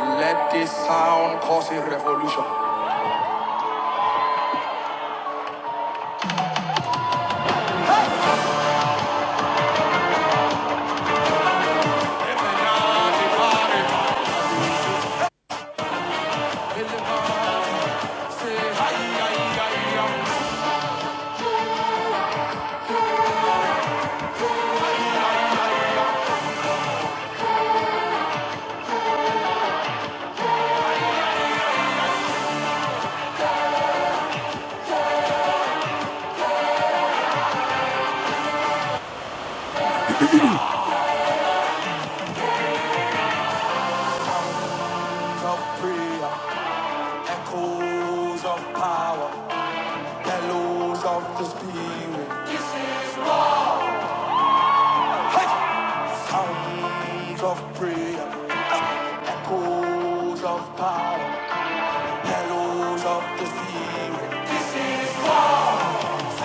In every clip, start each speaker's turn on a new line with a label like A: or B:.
A: Let this sound cause a revolution. Of prayer, echoes of power, bellows of the spirit. Sounds of prayer, echoes of power, bellows of the spirit.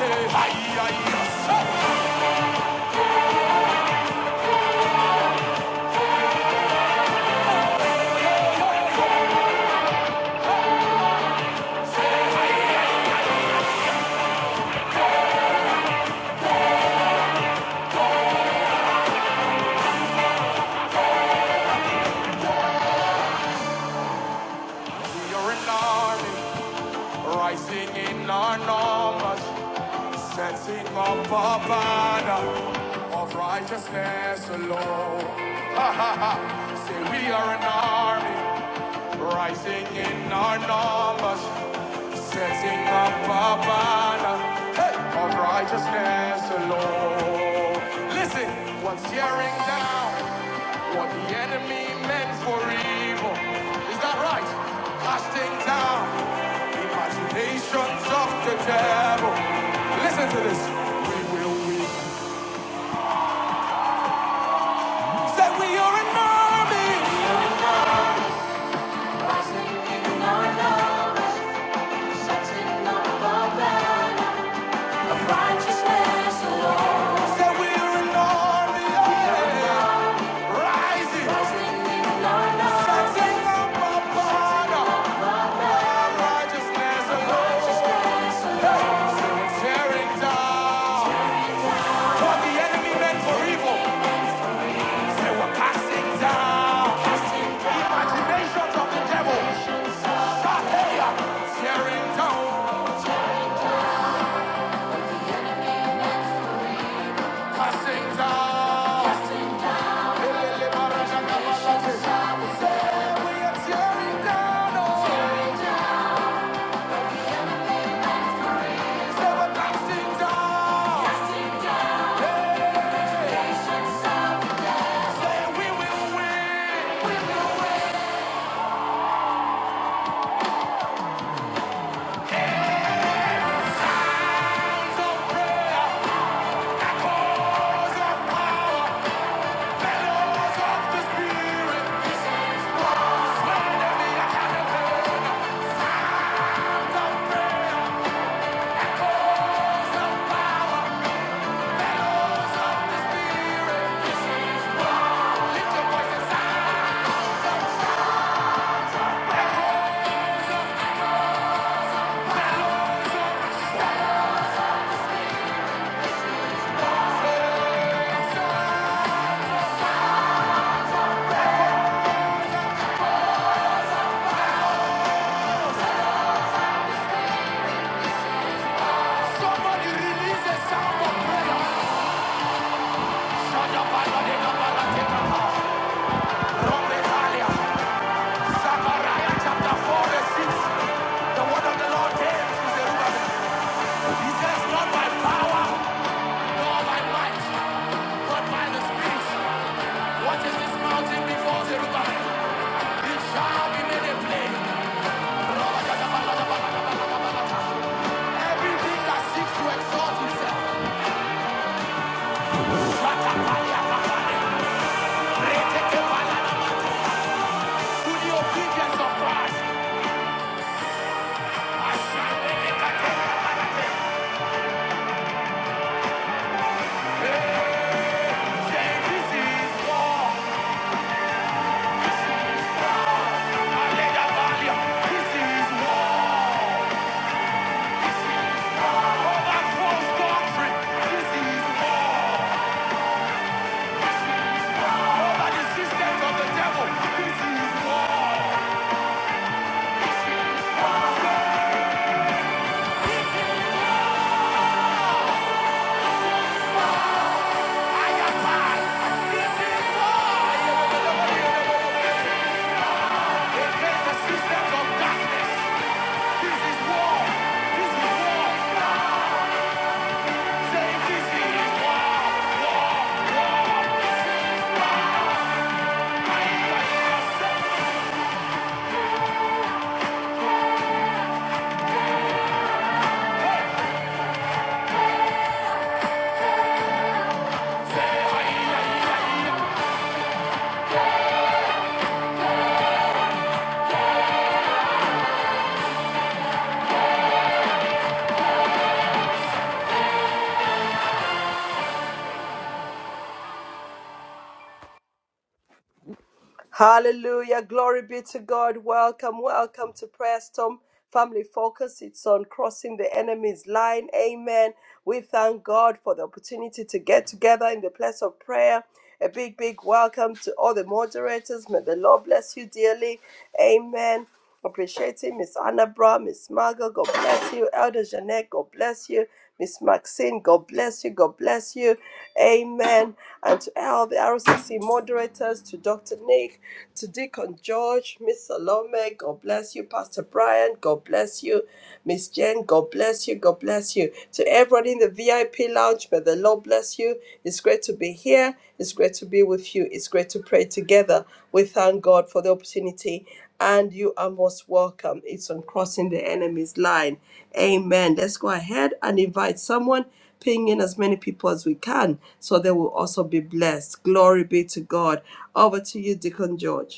A: Hey, We are an army, rising in our numbers, setting up our banner of righteousness alone. Say we are an army. Rising in our numbers, setting up a banner hey, of righteousness alone. Listen, what's tearing down what the enemy meant for evil? Is that right? Casting down imaginations of the devil. Listen to this. We will win. Say we are an army. Rising in our numbers, setting up a banner. Righteousness alone. rising. Rising in our numbers. Setting up our banner. Our righteousness alone. Hey. Tearing down what the enemy meant for evil. They were casting down imaginations of the devil. Tearing down, casting down. Lift your voice and sound. Bellows of the Spirit. Somebody release the sound of prayer. Shadabaladekabalateka. Romekalia. chapter 4 verse 6. The word of the Lord came to Zerubbabel. He says, Not by power, nor by might, but by the Spirit. What is this mountain before Zerubbabel? It shall be made a plain. Everything that seeks to exalt himself. Shatapalia, Retekepalanamas. To the obedience of Christ. Systems of darkness. This is war. This is war.
B: Hallelujah. Glory be to God. Welcome, welcome to Prayer Storm Family Focus. It's on crossing the enemy's line. Amen. We thank God for the opportunity to get together in the place of prayer. A big, big welcome to all the moderators. May the Lord bless you dearly. Amen. Appreciating Miss Anna Brown, Miss Margot, God bless you. Elder Jeanette, God bless you. Miss Maxine, God bless you. God bless you. Amen. And to all the RCC moderators, to Dr. Nick, to Deacon George, Miss Salome, God bless you. Pastor Brian, God bless you. Miss Jen, God bless you. God bless you. To everyone in the VIP lounge, may the Lord bless you. It's great to be here here. It's great to be with you. It's great to pray together. We thank God for the opportunity, and you are most welcome. It's on crossing the enemy's line. Amen. Let's go ahead and invite someone, ping in as many people as we can, so they will also be blessed. Glory be to God. Over to you, Deacon George.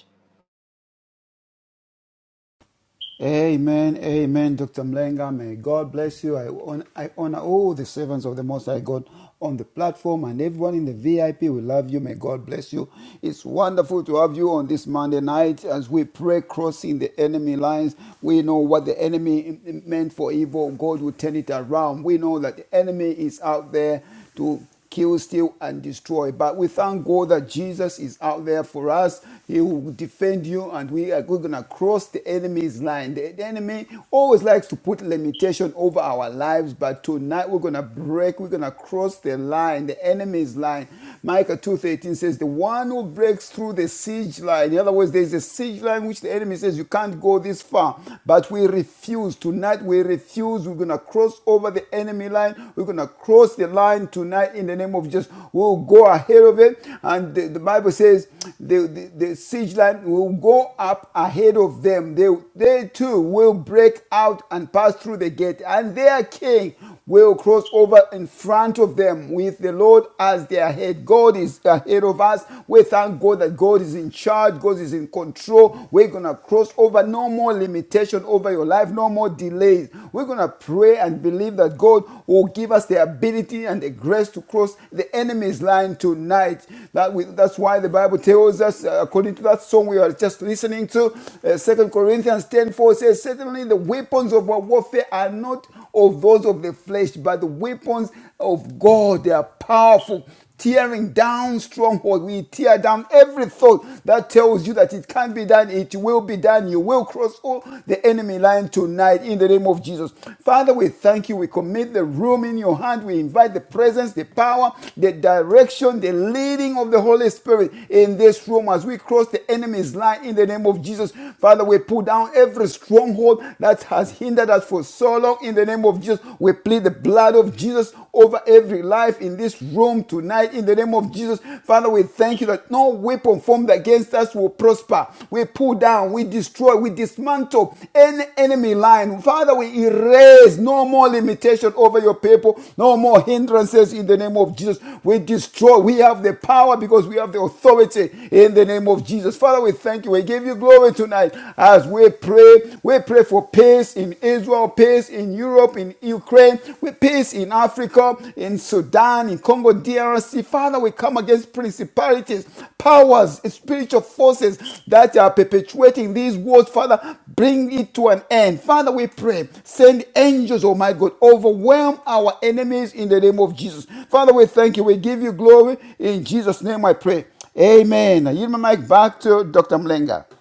C: Amen, amen, Dr. Mlenga. May God bless you. I, hon- I honor all the servants of the Most High God on the platform and everyone in the VIP. We love you. May God bless you. It's wonderful to have you on this Monday night as we pray crossing the enemy lines. We know what the enemy meant for evil. God will turn it around. We know that the enemy is out there to kill, steal, and destroy. But we thank God that Jesus is out there for us. He will defend you, and we are going to cross the enemy's line. The, the enemy always likes to put limitation over our lives, but tonight we're going to break. We're going to cross the line, the enemy's line. Micah 2.13 says, the one who breaks through the siege line. In other words, there's a siege line which the enemy says, you can't go this far. But we refuse. Tonight we refuse. We're going to cross over the enemy line. We're going to cross the line tonight in the name of Jesus. We'll go ahead of it. And the, the Bible says the, the, the siege line will go up ahead of them. They, they too will break out and pass through the gate. And their king will cross over in front of them with the Lord as their head. God is ahead of us. We thank God that God is in charge. God is in control. We're going to cross crossed over, no more limitation over your life, no more delays. We're going to pray and believe that God will give us the ability and the grace to cross the enemy's line tonight. That we, that's why the Bible tells us, uh, according to that song we are just listening to, uh, 2 Corinthians ten four says, Certainly the weapons of our warfare are not of those of the flesh, but the weapons of God. They are powerful tearing down stronghold. We tear down every thought that tells you that it can't be done. It will be done. You will cross all the enemy line tonight in the name of Jesus. Father, we thank you. We commit the room in your hand. We invite the presence, the power, the direction, the leading of the Holy Spirit in this room as we cross the enemy's line in the name of Jesus. Father, we pull down every stronghold that has hindered us for so long in the name of Jesus. We plead the blood blood of Jesus over every life in this room tonight in the name of Jesus. Father, we thank you that no weapon formed against us will prosper. We pull down, we destroy, we dismantle any enemy line. Father, we erase no more limitation over your people, no more hindrances in the name of Jesus. We destroy, we have the power because we have the authority in the name of Jesus. Father, we thank you. We give you glory tonight as we pray. We pray for peace peace in Israel, peace in Europe, in Ukraine, with peace in Africa, in Sudan, in Congo, DRC. Father, we come against principalities, powers, spiritual forces that are perpetuating these wars. Father, bring it to an end. Father, we pray, send angels, oh my God, overwhelm our enemies in the name of Jesus. Father, we thank you. We give you glory. In Jesus' name I pray. Amen. I yield my mic back to Dr. Mlenga.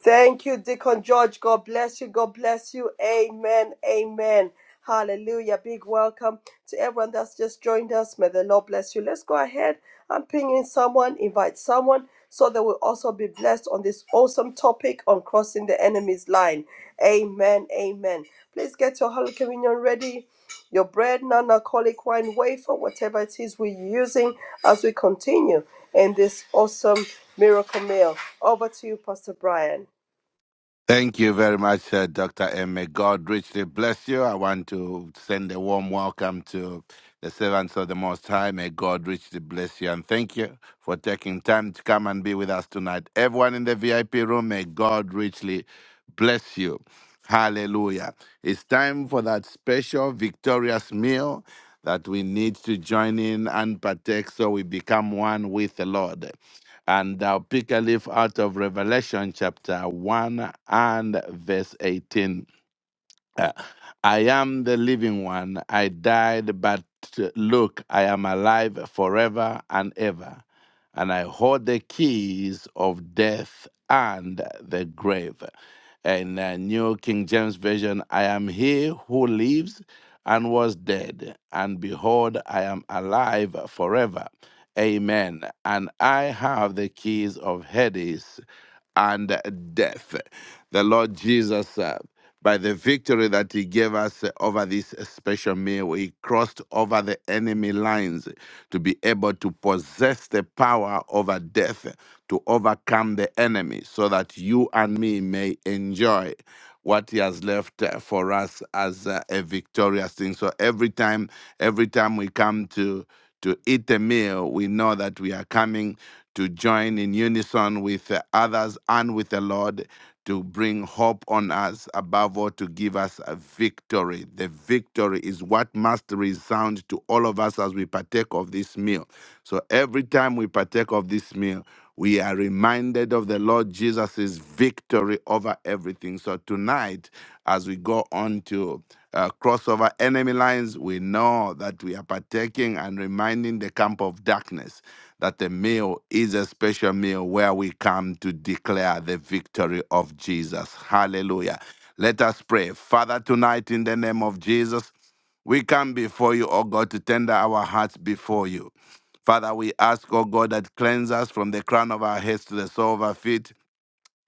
B: Thank you, Deacon George. God bless you. God bless you. Amen. Amen. Hallelujah. Big welcome to everyone that's just joined us. May the Lord bless you. Let's go ahead and ping in someone, invite someone, so they will also be blessed on this awesome topic on crossing the enemy's line. Amen. Amen. Please get your Holy Communion ready. Your bread, non alcoholic wine, wafer, whatever it is we're using as we continue in this awesome miracle meal. Over to you, Pastor Brian.
D: Thank you very much, uh, Dr. M. May God richly bless you. I want to send a warm welcome to the servants of the Most High. May God richly bless you and thank you for taking time to come and be with us tonight. Everyone in the VIP room, may God richly bless you. Hallelujah. It's time for that special victorious meal that we need to join in and partake so we become one with the Lord. And thou pick a leaf out of Revelation chapter 1 and verse 18. Uh, I am the living one. I died, but uh, look, I am alive forever and ever. And I hold the keys of death and the grave. In uh, New King James Version, I am he who lives and was dead. And behold, I am alive forever. Amen. And I have the keys of Hades and death. The Lord Jesus uh, by the victory that he gave us uh, over this special meal. He crossed over the enemy lines to be able to possess the power over death, to overcome the enemy, so that you and me may enjoy what he has left uh, for us as uh, a victorious thing. So every time, every time we come to to eat a meal, we know that we are coming to join in unison with uh, others and with the Lord to bring hope on us, above all, to give us a victory. The victory is what must resound to all of us as we partake of this meal. So every time we partake of this meal, we are reminded of the Lord Jesus' victory over everything. So tonight, as we go on to uh, cross over enemy lines, we know that we are partaking and reminding the camp of darkness that the meal is a special meal where we come to declare the victory of Jesus. Hallelujah. Let us pray. Father, tonight in the name of Jesus, we come before you, O God, to tender our hearts before you. Father, we ask, O God, that cleanse us from the crown of our heads to the sole of our feet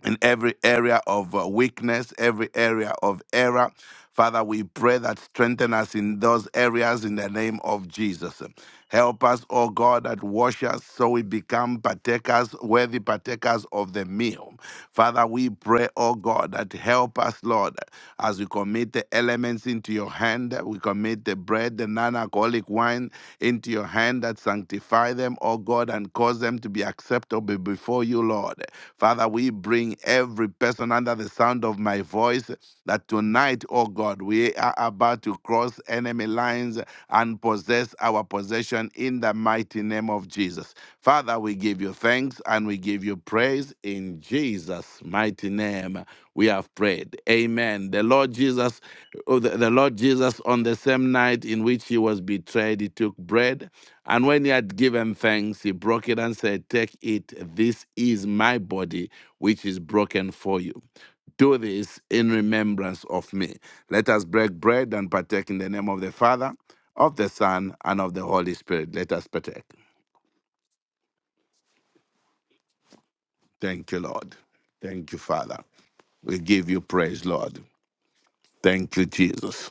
D: in every area of uh, weakness, every area of error. Father, we pray that strengthen us in those areas in the name of Jesus. Help us, O God, that wash us so we become partakers, worthy partakers of the meal. Father, we pray, O God, that help us, Lord, as we commit the elements into your hand hand. We commit the bread, the non alcoholic wine into your hand that sanctify them, O God, and cause them to be acceptable before you, Lord. Father, we bring every person under the sound of my voice that tonight, O God, we are about to cross enemy lines and possess our possession in the mighty name of Jesus. Jesus. Father, we give you thanks and we give you praise in Jesus' mighty name. We have prayed. Amen. The Lord Jesus, oh, the, the Lord Jesus, on the same night in which he was betrayed, he took bread. And when he had given thanks, he broke it and said, Take it. This is my body, which is broken for you. Do this in remembrance of me. Let us break bread and partake in the name of the Father, of the Son, and of the Holy Spirit. Let us partake. Thank you, Lord. Thank you, Father. We give you praise, Lord. Thank you, Jesus.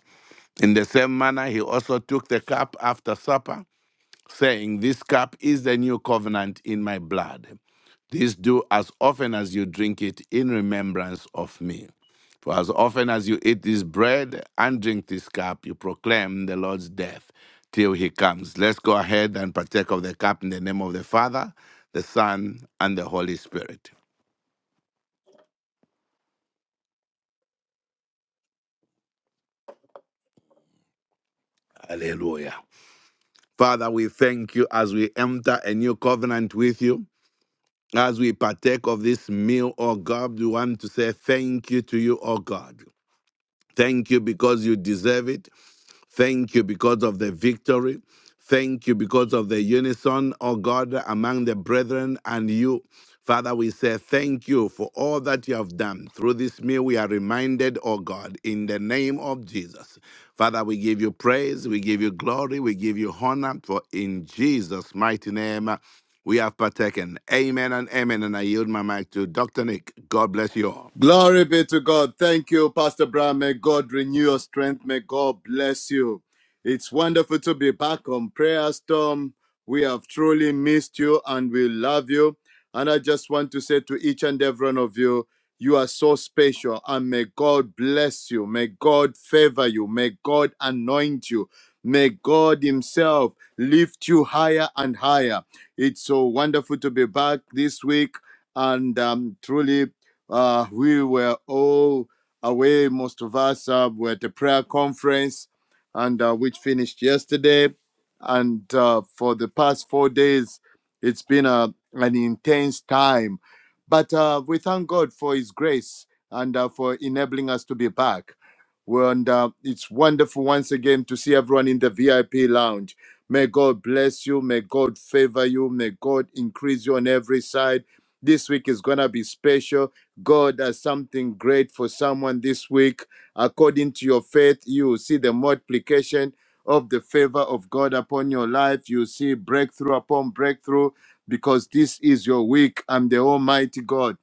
D: In the same manner, he also took the cup after supper, saying, This cup is the new covenant in my blood. This do as often as you drink it in remembrance of me. For as often as you eat this bread and drink this cup, you proclaim the Lord's death till he comes. Let's go ahead and partake of the cup in the name of the Father, the Son, and the Holy Spirit. Hallelujah. Father, we thank you as we enter a new covenant with you. As we partake of this meal, oh God, we want to say thank you to you, oh God. Thank you because you deserve it. Thank you because of the victory. Thank you because of the unison, O God, among the brethren and you. Father, we say thank you for all that you have done. Through this meal, we are reminded, O God, in the name of Jesus. Father, we give you praise, we give you glory, we give you honor, for in Jesus' mighty name we have partaken. Amen and amen. And I yield my mic to Dr. Nick. God bless you all.
E: Glory be to God. Thank you, Pastor Brown. May God renew your strength. May God bless you. It's wonderful to be back on Prayer Storm. We have truly missed you and we love you. And I just want to say to each and every one of you, you are so special and may God bless you. May God favor you. May God anoint you. May God Himself lift you higher and higher. It's so wonderful to be back this week and um, truly uh, we were all away, most of us uh, were at the prayer conference, and uh, which finished yesterday. And uh, for the past four days, it's been a, an intense time. But uh, we thank God for His grace and uh, for enabling us to be back. Well, and uh, it's wonderful once again to see everyone in the VIP lounge. May God bless you. May God favor you. May God increase you on every side. This week is going to be special. God has something great for someone this week. According to your faith, you will see the multiplication of the favor of God upon your life. You will see breakthrough upon breakthrough because this is your week. I'm the Almighty God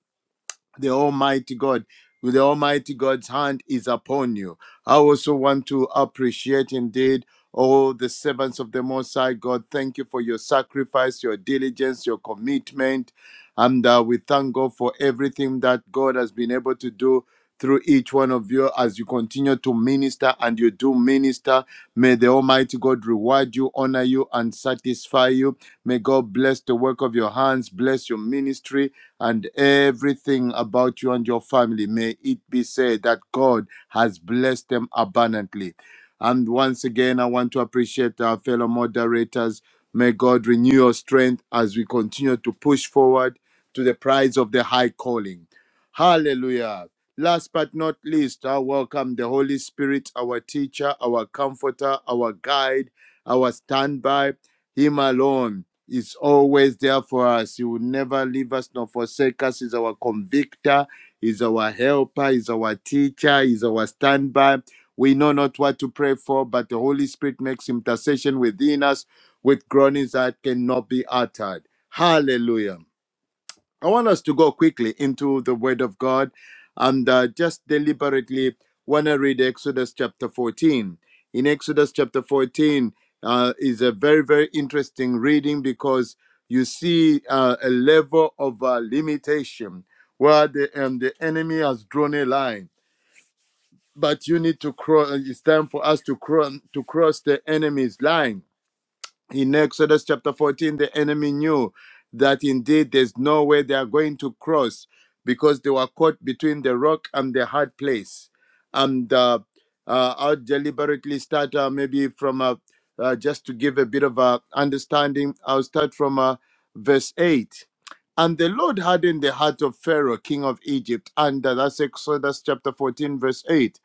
E: the Almighty God. with The Almighty God's hand is upon you. I also want to appreciate indeed all the servants of the Most High God. Thank you for your sacrifice, your diligence, your commitment. And uh, we thank God for everything that God has been able to do through each one of you as you continue to minister and you do minister. May the Almighty God reward you, honor you, and satisfy you. May God bless the work of your hands, bless your ministry and everything about you and your family. May it be said that God has blessed them abundantly. And once again, I want to appreciate our fellow moderators. May God renew your strength as we continue to push forward to the prize of the high calling. Hallelujah. Last but not least, I welcome the Holy Spirit, our teacher, our comforter, our guide, our standby, Him alone is always there for us. He will never leave us nor forsake us. He's our convictor, he's our helper, he's our teacher, he's our standby. We know not what to pray for, but the Holy Spirit makes intercession within us with groanings that cannot be uttered. Hallelujah. I want us to go quickly into the Word of God and uh, just deliberately want to read Exodus chapter 14. In Exodus chapter 14 uh, is a very, very interesting reading because you see uh, a level of uh, limitation where the, um, the enemy has drawn a line. But you need to cross, it's time for us to, cro- to cross the enemy's line in Exodus chapter 14, the enemy knew that indeed there's no way they are going to cross because they were caught between the rock and the hard place. And uh, uh, I'll deliberately start uh, maybe from uh, uh, just to give a bit of uh, understanding, I'll start from uh, verse 8. And the Lord hardened the heart of Pharaoh, king of Egypt, and uh, that's Exodus chapter 14, verse 8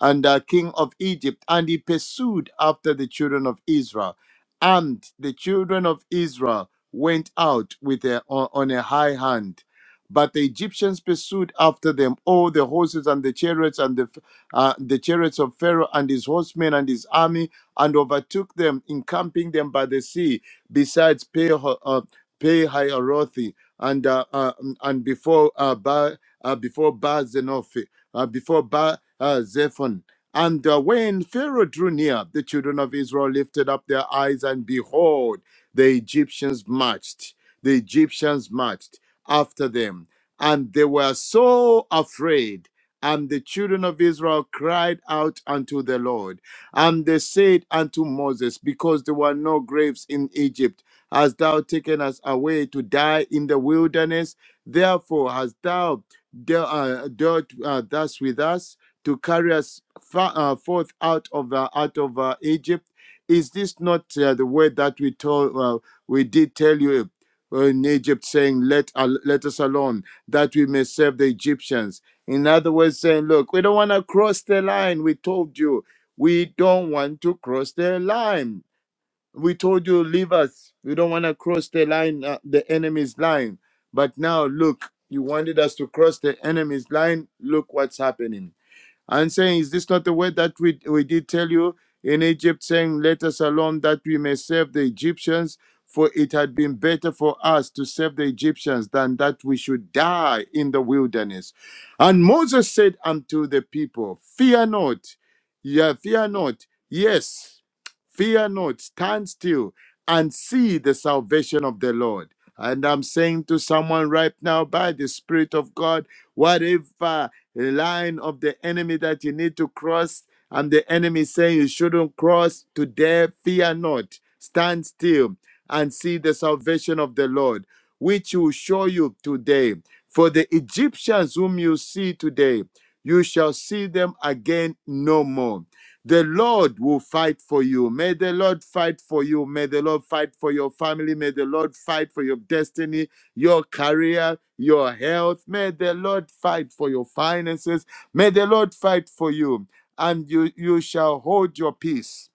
E: and uh, king of Egypt, and he pursued after the children of Israel. And the children of Israel went out with a, on, on a high hand. But the Egyptians pursued after them all the horses and the chariots and the, uh, the chariots of Pharaoh and his horsemen and his army and overtook them, encamping them by the sea, besides Peho- uh, Pe-hahirothi and uh, uh, and before uh, ba- uh, before Baal-Zenoth uh, before Ba uh, Zephon. And uh, when Pharaoh drew near, the children of Israel lifted up their eyes, and behold, the Egyptians marched. The Egyptians marched after them, and they were so afraid. And the children of Israel cried out unto the Lord, and they said unto Moses, Because there were no graves in Egypt, hast thou taken us away to die in the wilderness? Therefore hast thou dealt, uh, dealt uh, thus with us to carry us fa- uh, forth out of uh, out of uh, Egypt. Is this not uh, the word that we told uh, we did tell you uh, in Egypt, saying, "Let al let us alone, that we may serve the Egyptians." In other words, saying, "Look, we don't want to cross the line. We told you we don't want to cross the line." We told you, leave us. We don't want to cross the line, uh, the enemy's line. But now, look, you wanted us to cross the enemy's line. Look what's happening and saying, Is this not the word that we, we did tell you in Egypt, saying, Let us alone that we may serve the Egyptians? For it had been better for us to serve the Egyptians than that we should die in the wilderness. And Moses said unto the people, Fear not, yeah, fear not, yes, fear not, stand still and see the salvation of the Lord. And I'm saying to someone right now, by the Spirit of God, whatever the line of the enemy that you need to cross, and the enemy saying you shouldn't cross today, fear not, stand still and see the salvation of the Lord, which will show you today. For the Egyptians whom you see today, you shall see them again no more. The Lord will fight for you. May the Lord fight for you. May the Lord fight for your family. May the Lord fight for your destiny your career, your health. May the Lord fight for your finances. May the Lord fight for you, and you, you shall hold your peace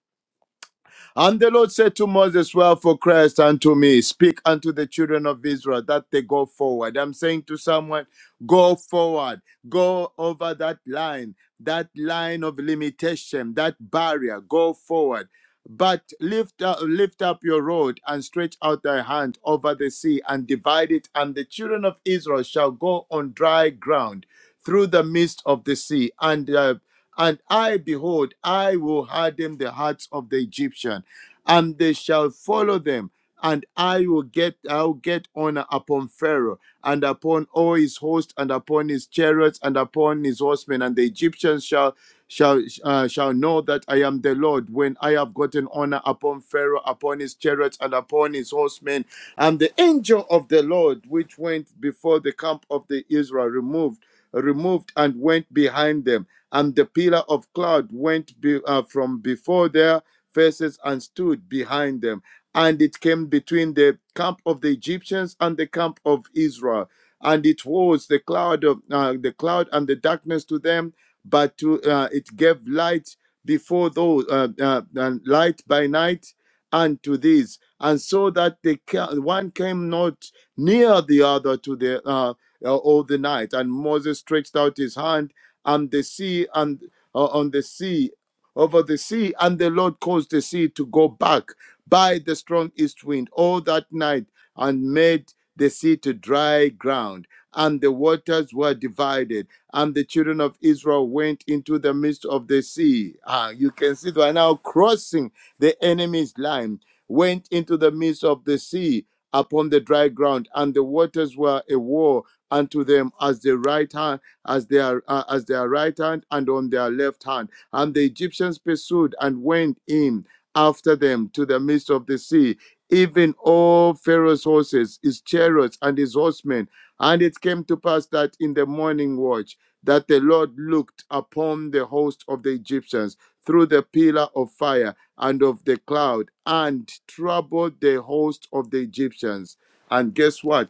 E: and the Lord said to Moses, Well, for Christ unto me, speak unto the children of Israel that they go forward. I'm saying to someone, go forward, go over that line, that line of limitation, that barrier, go forward. But lift up, lift up your rod and stretch out thy hand over the sea and divide it, and the children of Israel shall go on dry ground through the midst of the sea. And uh, and I, behold, I will harden the hearts of the Egyptian and they shall follow them. And I will get I'll get honor upon Pharaoh and upon all his host and upon his chariots and upon his horsemen. And the Egyptians shall shall uh, shall know that I am the Lord when I have gotten honor upon Pharaoh, upon his chariots and upon his horsemen. And the angel of the Lord, which went before the camp of the Israel, removed removed and went behind them and the pillar of cloud went be, uh, from before there faces and stood behind them. And it came between the camp of the Egyptians and the camp of Israel. And it was the cloud of uh, the cloud and the darkness to them, but to uh, it gave light before those uh, uh, and light by night unto these, and so that the ca- one came not near the other to the uh, uh, all the night. And Moses stretched out his hand, and the sea and uh, on the sea over the sea, and the Lord caused the sea to go back by the strong east wind all that night, and made the sea to dry ground. And the waters were divided, and the children of Israel went into the midst of the sea. Ah, you can see they are now crossing the enemy's line, went into the midst of the sea upon the dry ground, and the waters were a wall unto them as their right hand, as their uh, as their right hand, and on their left hand and the Egyptians pursued and went in after them to the midst of the sea, even all Pharaoh's horses, his chariots, and his horsemen. And it came to pass that in the morning watch, that the Lord looked upon the host of the Egyptians through the pillar of fire and of the cloud and troubled the host of the Egyptians. And guess what?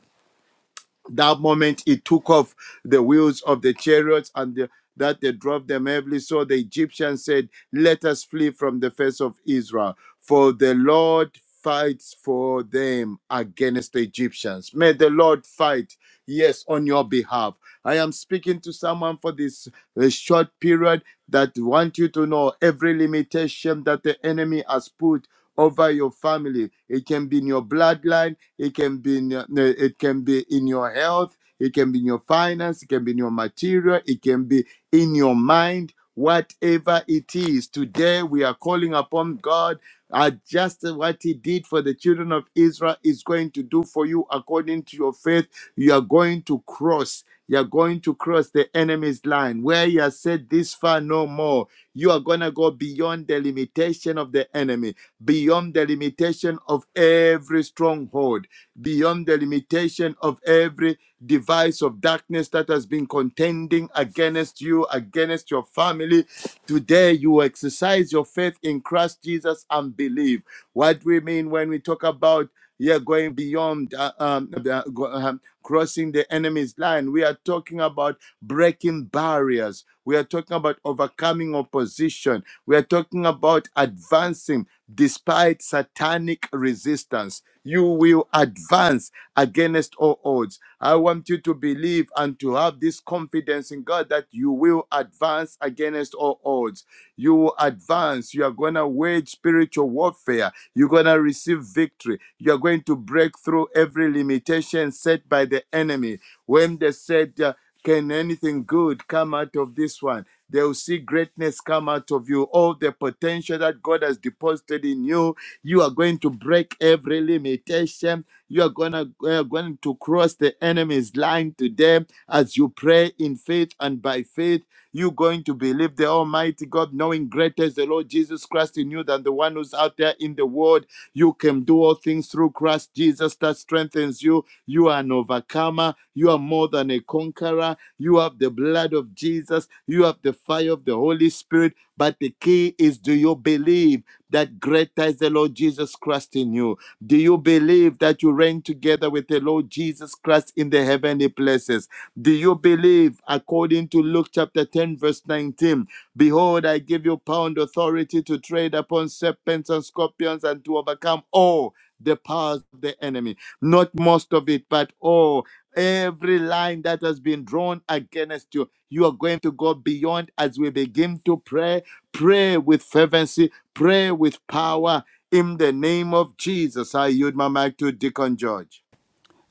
E: that moment he took off the wheels of the chariots and the, that they drove them heavily. So the Egyptians said, Let us flee from the face of Israel, for the Lord fights for them against the Egyptians. May the Lord fight, yes, on your behalf. I am speaking to someone for this uh, short period that want you to know every limitation that the enemy has put over your family. It can be in your bloodline it can be in your, no, it can be in your health. It can be in your finance. It can be in your material. It can be in your mind. Whatever it is, today we are calling upon God. Uh, just what He did for the children of Israel is going to do for you according to your faith. You are going to cross. You are going to cross the enemy's line where He has said, "This far no more." you are going to go beyond the limitation of the enemy, beyond the limitation of every stronghold beyond the limitation of every device of darkness that has been contending against you, against your family. Today, you exercise your faith in Christ Jesus and believe. What we mean when we talk about yeah, going beyond uh, um, the, go- um, crossing the enemy's line. We are talking about breaking barriers. We are talking about overcoming opposition. We are talking about advancing. Despite satanic resistance, you will advance against all odds. I want you to believe and to have this confidence in God that you will advance against all odds you will advance. You are going to wage spiritual warfare. You're going to receive victory. You are going to break through every limitation set by the enemy. When they said, uh, Can anything good come out of this one? They will see greatness come out of you. All the potential that God has deposited in you, you are going to break every limitation you are gonna you are going to cross the enemy's line today as you pray in faith and by faith. You're going to believe the Almighty God, knowing greater is the Lord Jesus Christ in you than the one who's out there in the world. You can do all things through Christ Jesus that strengthens you. You are an overcomer. You are more than a conqueror. You have the blood of Jesus. You have the fire of the Holy Spirit. But the key is do you believe that greater is the Lord Jesus Christ in you? Do you believe that you reign together with the Lord Jesus Christ in the heavenly places? Do you believe, according to Luke chapter 10, verse 19, Behold, I give you power and authority to tread upon serpents and scorpions and to overcome all the powers of the enemy? Not most of it, but all. Every line that has been drawn against you, you are going to go beyond as we begin to pray. Pray with fervency, pray with power. In the name of Jesus, I yield my mic to Deacon George.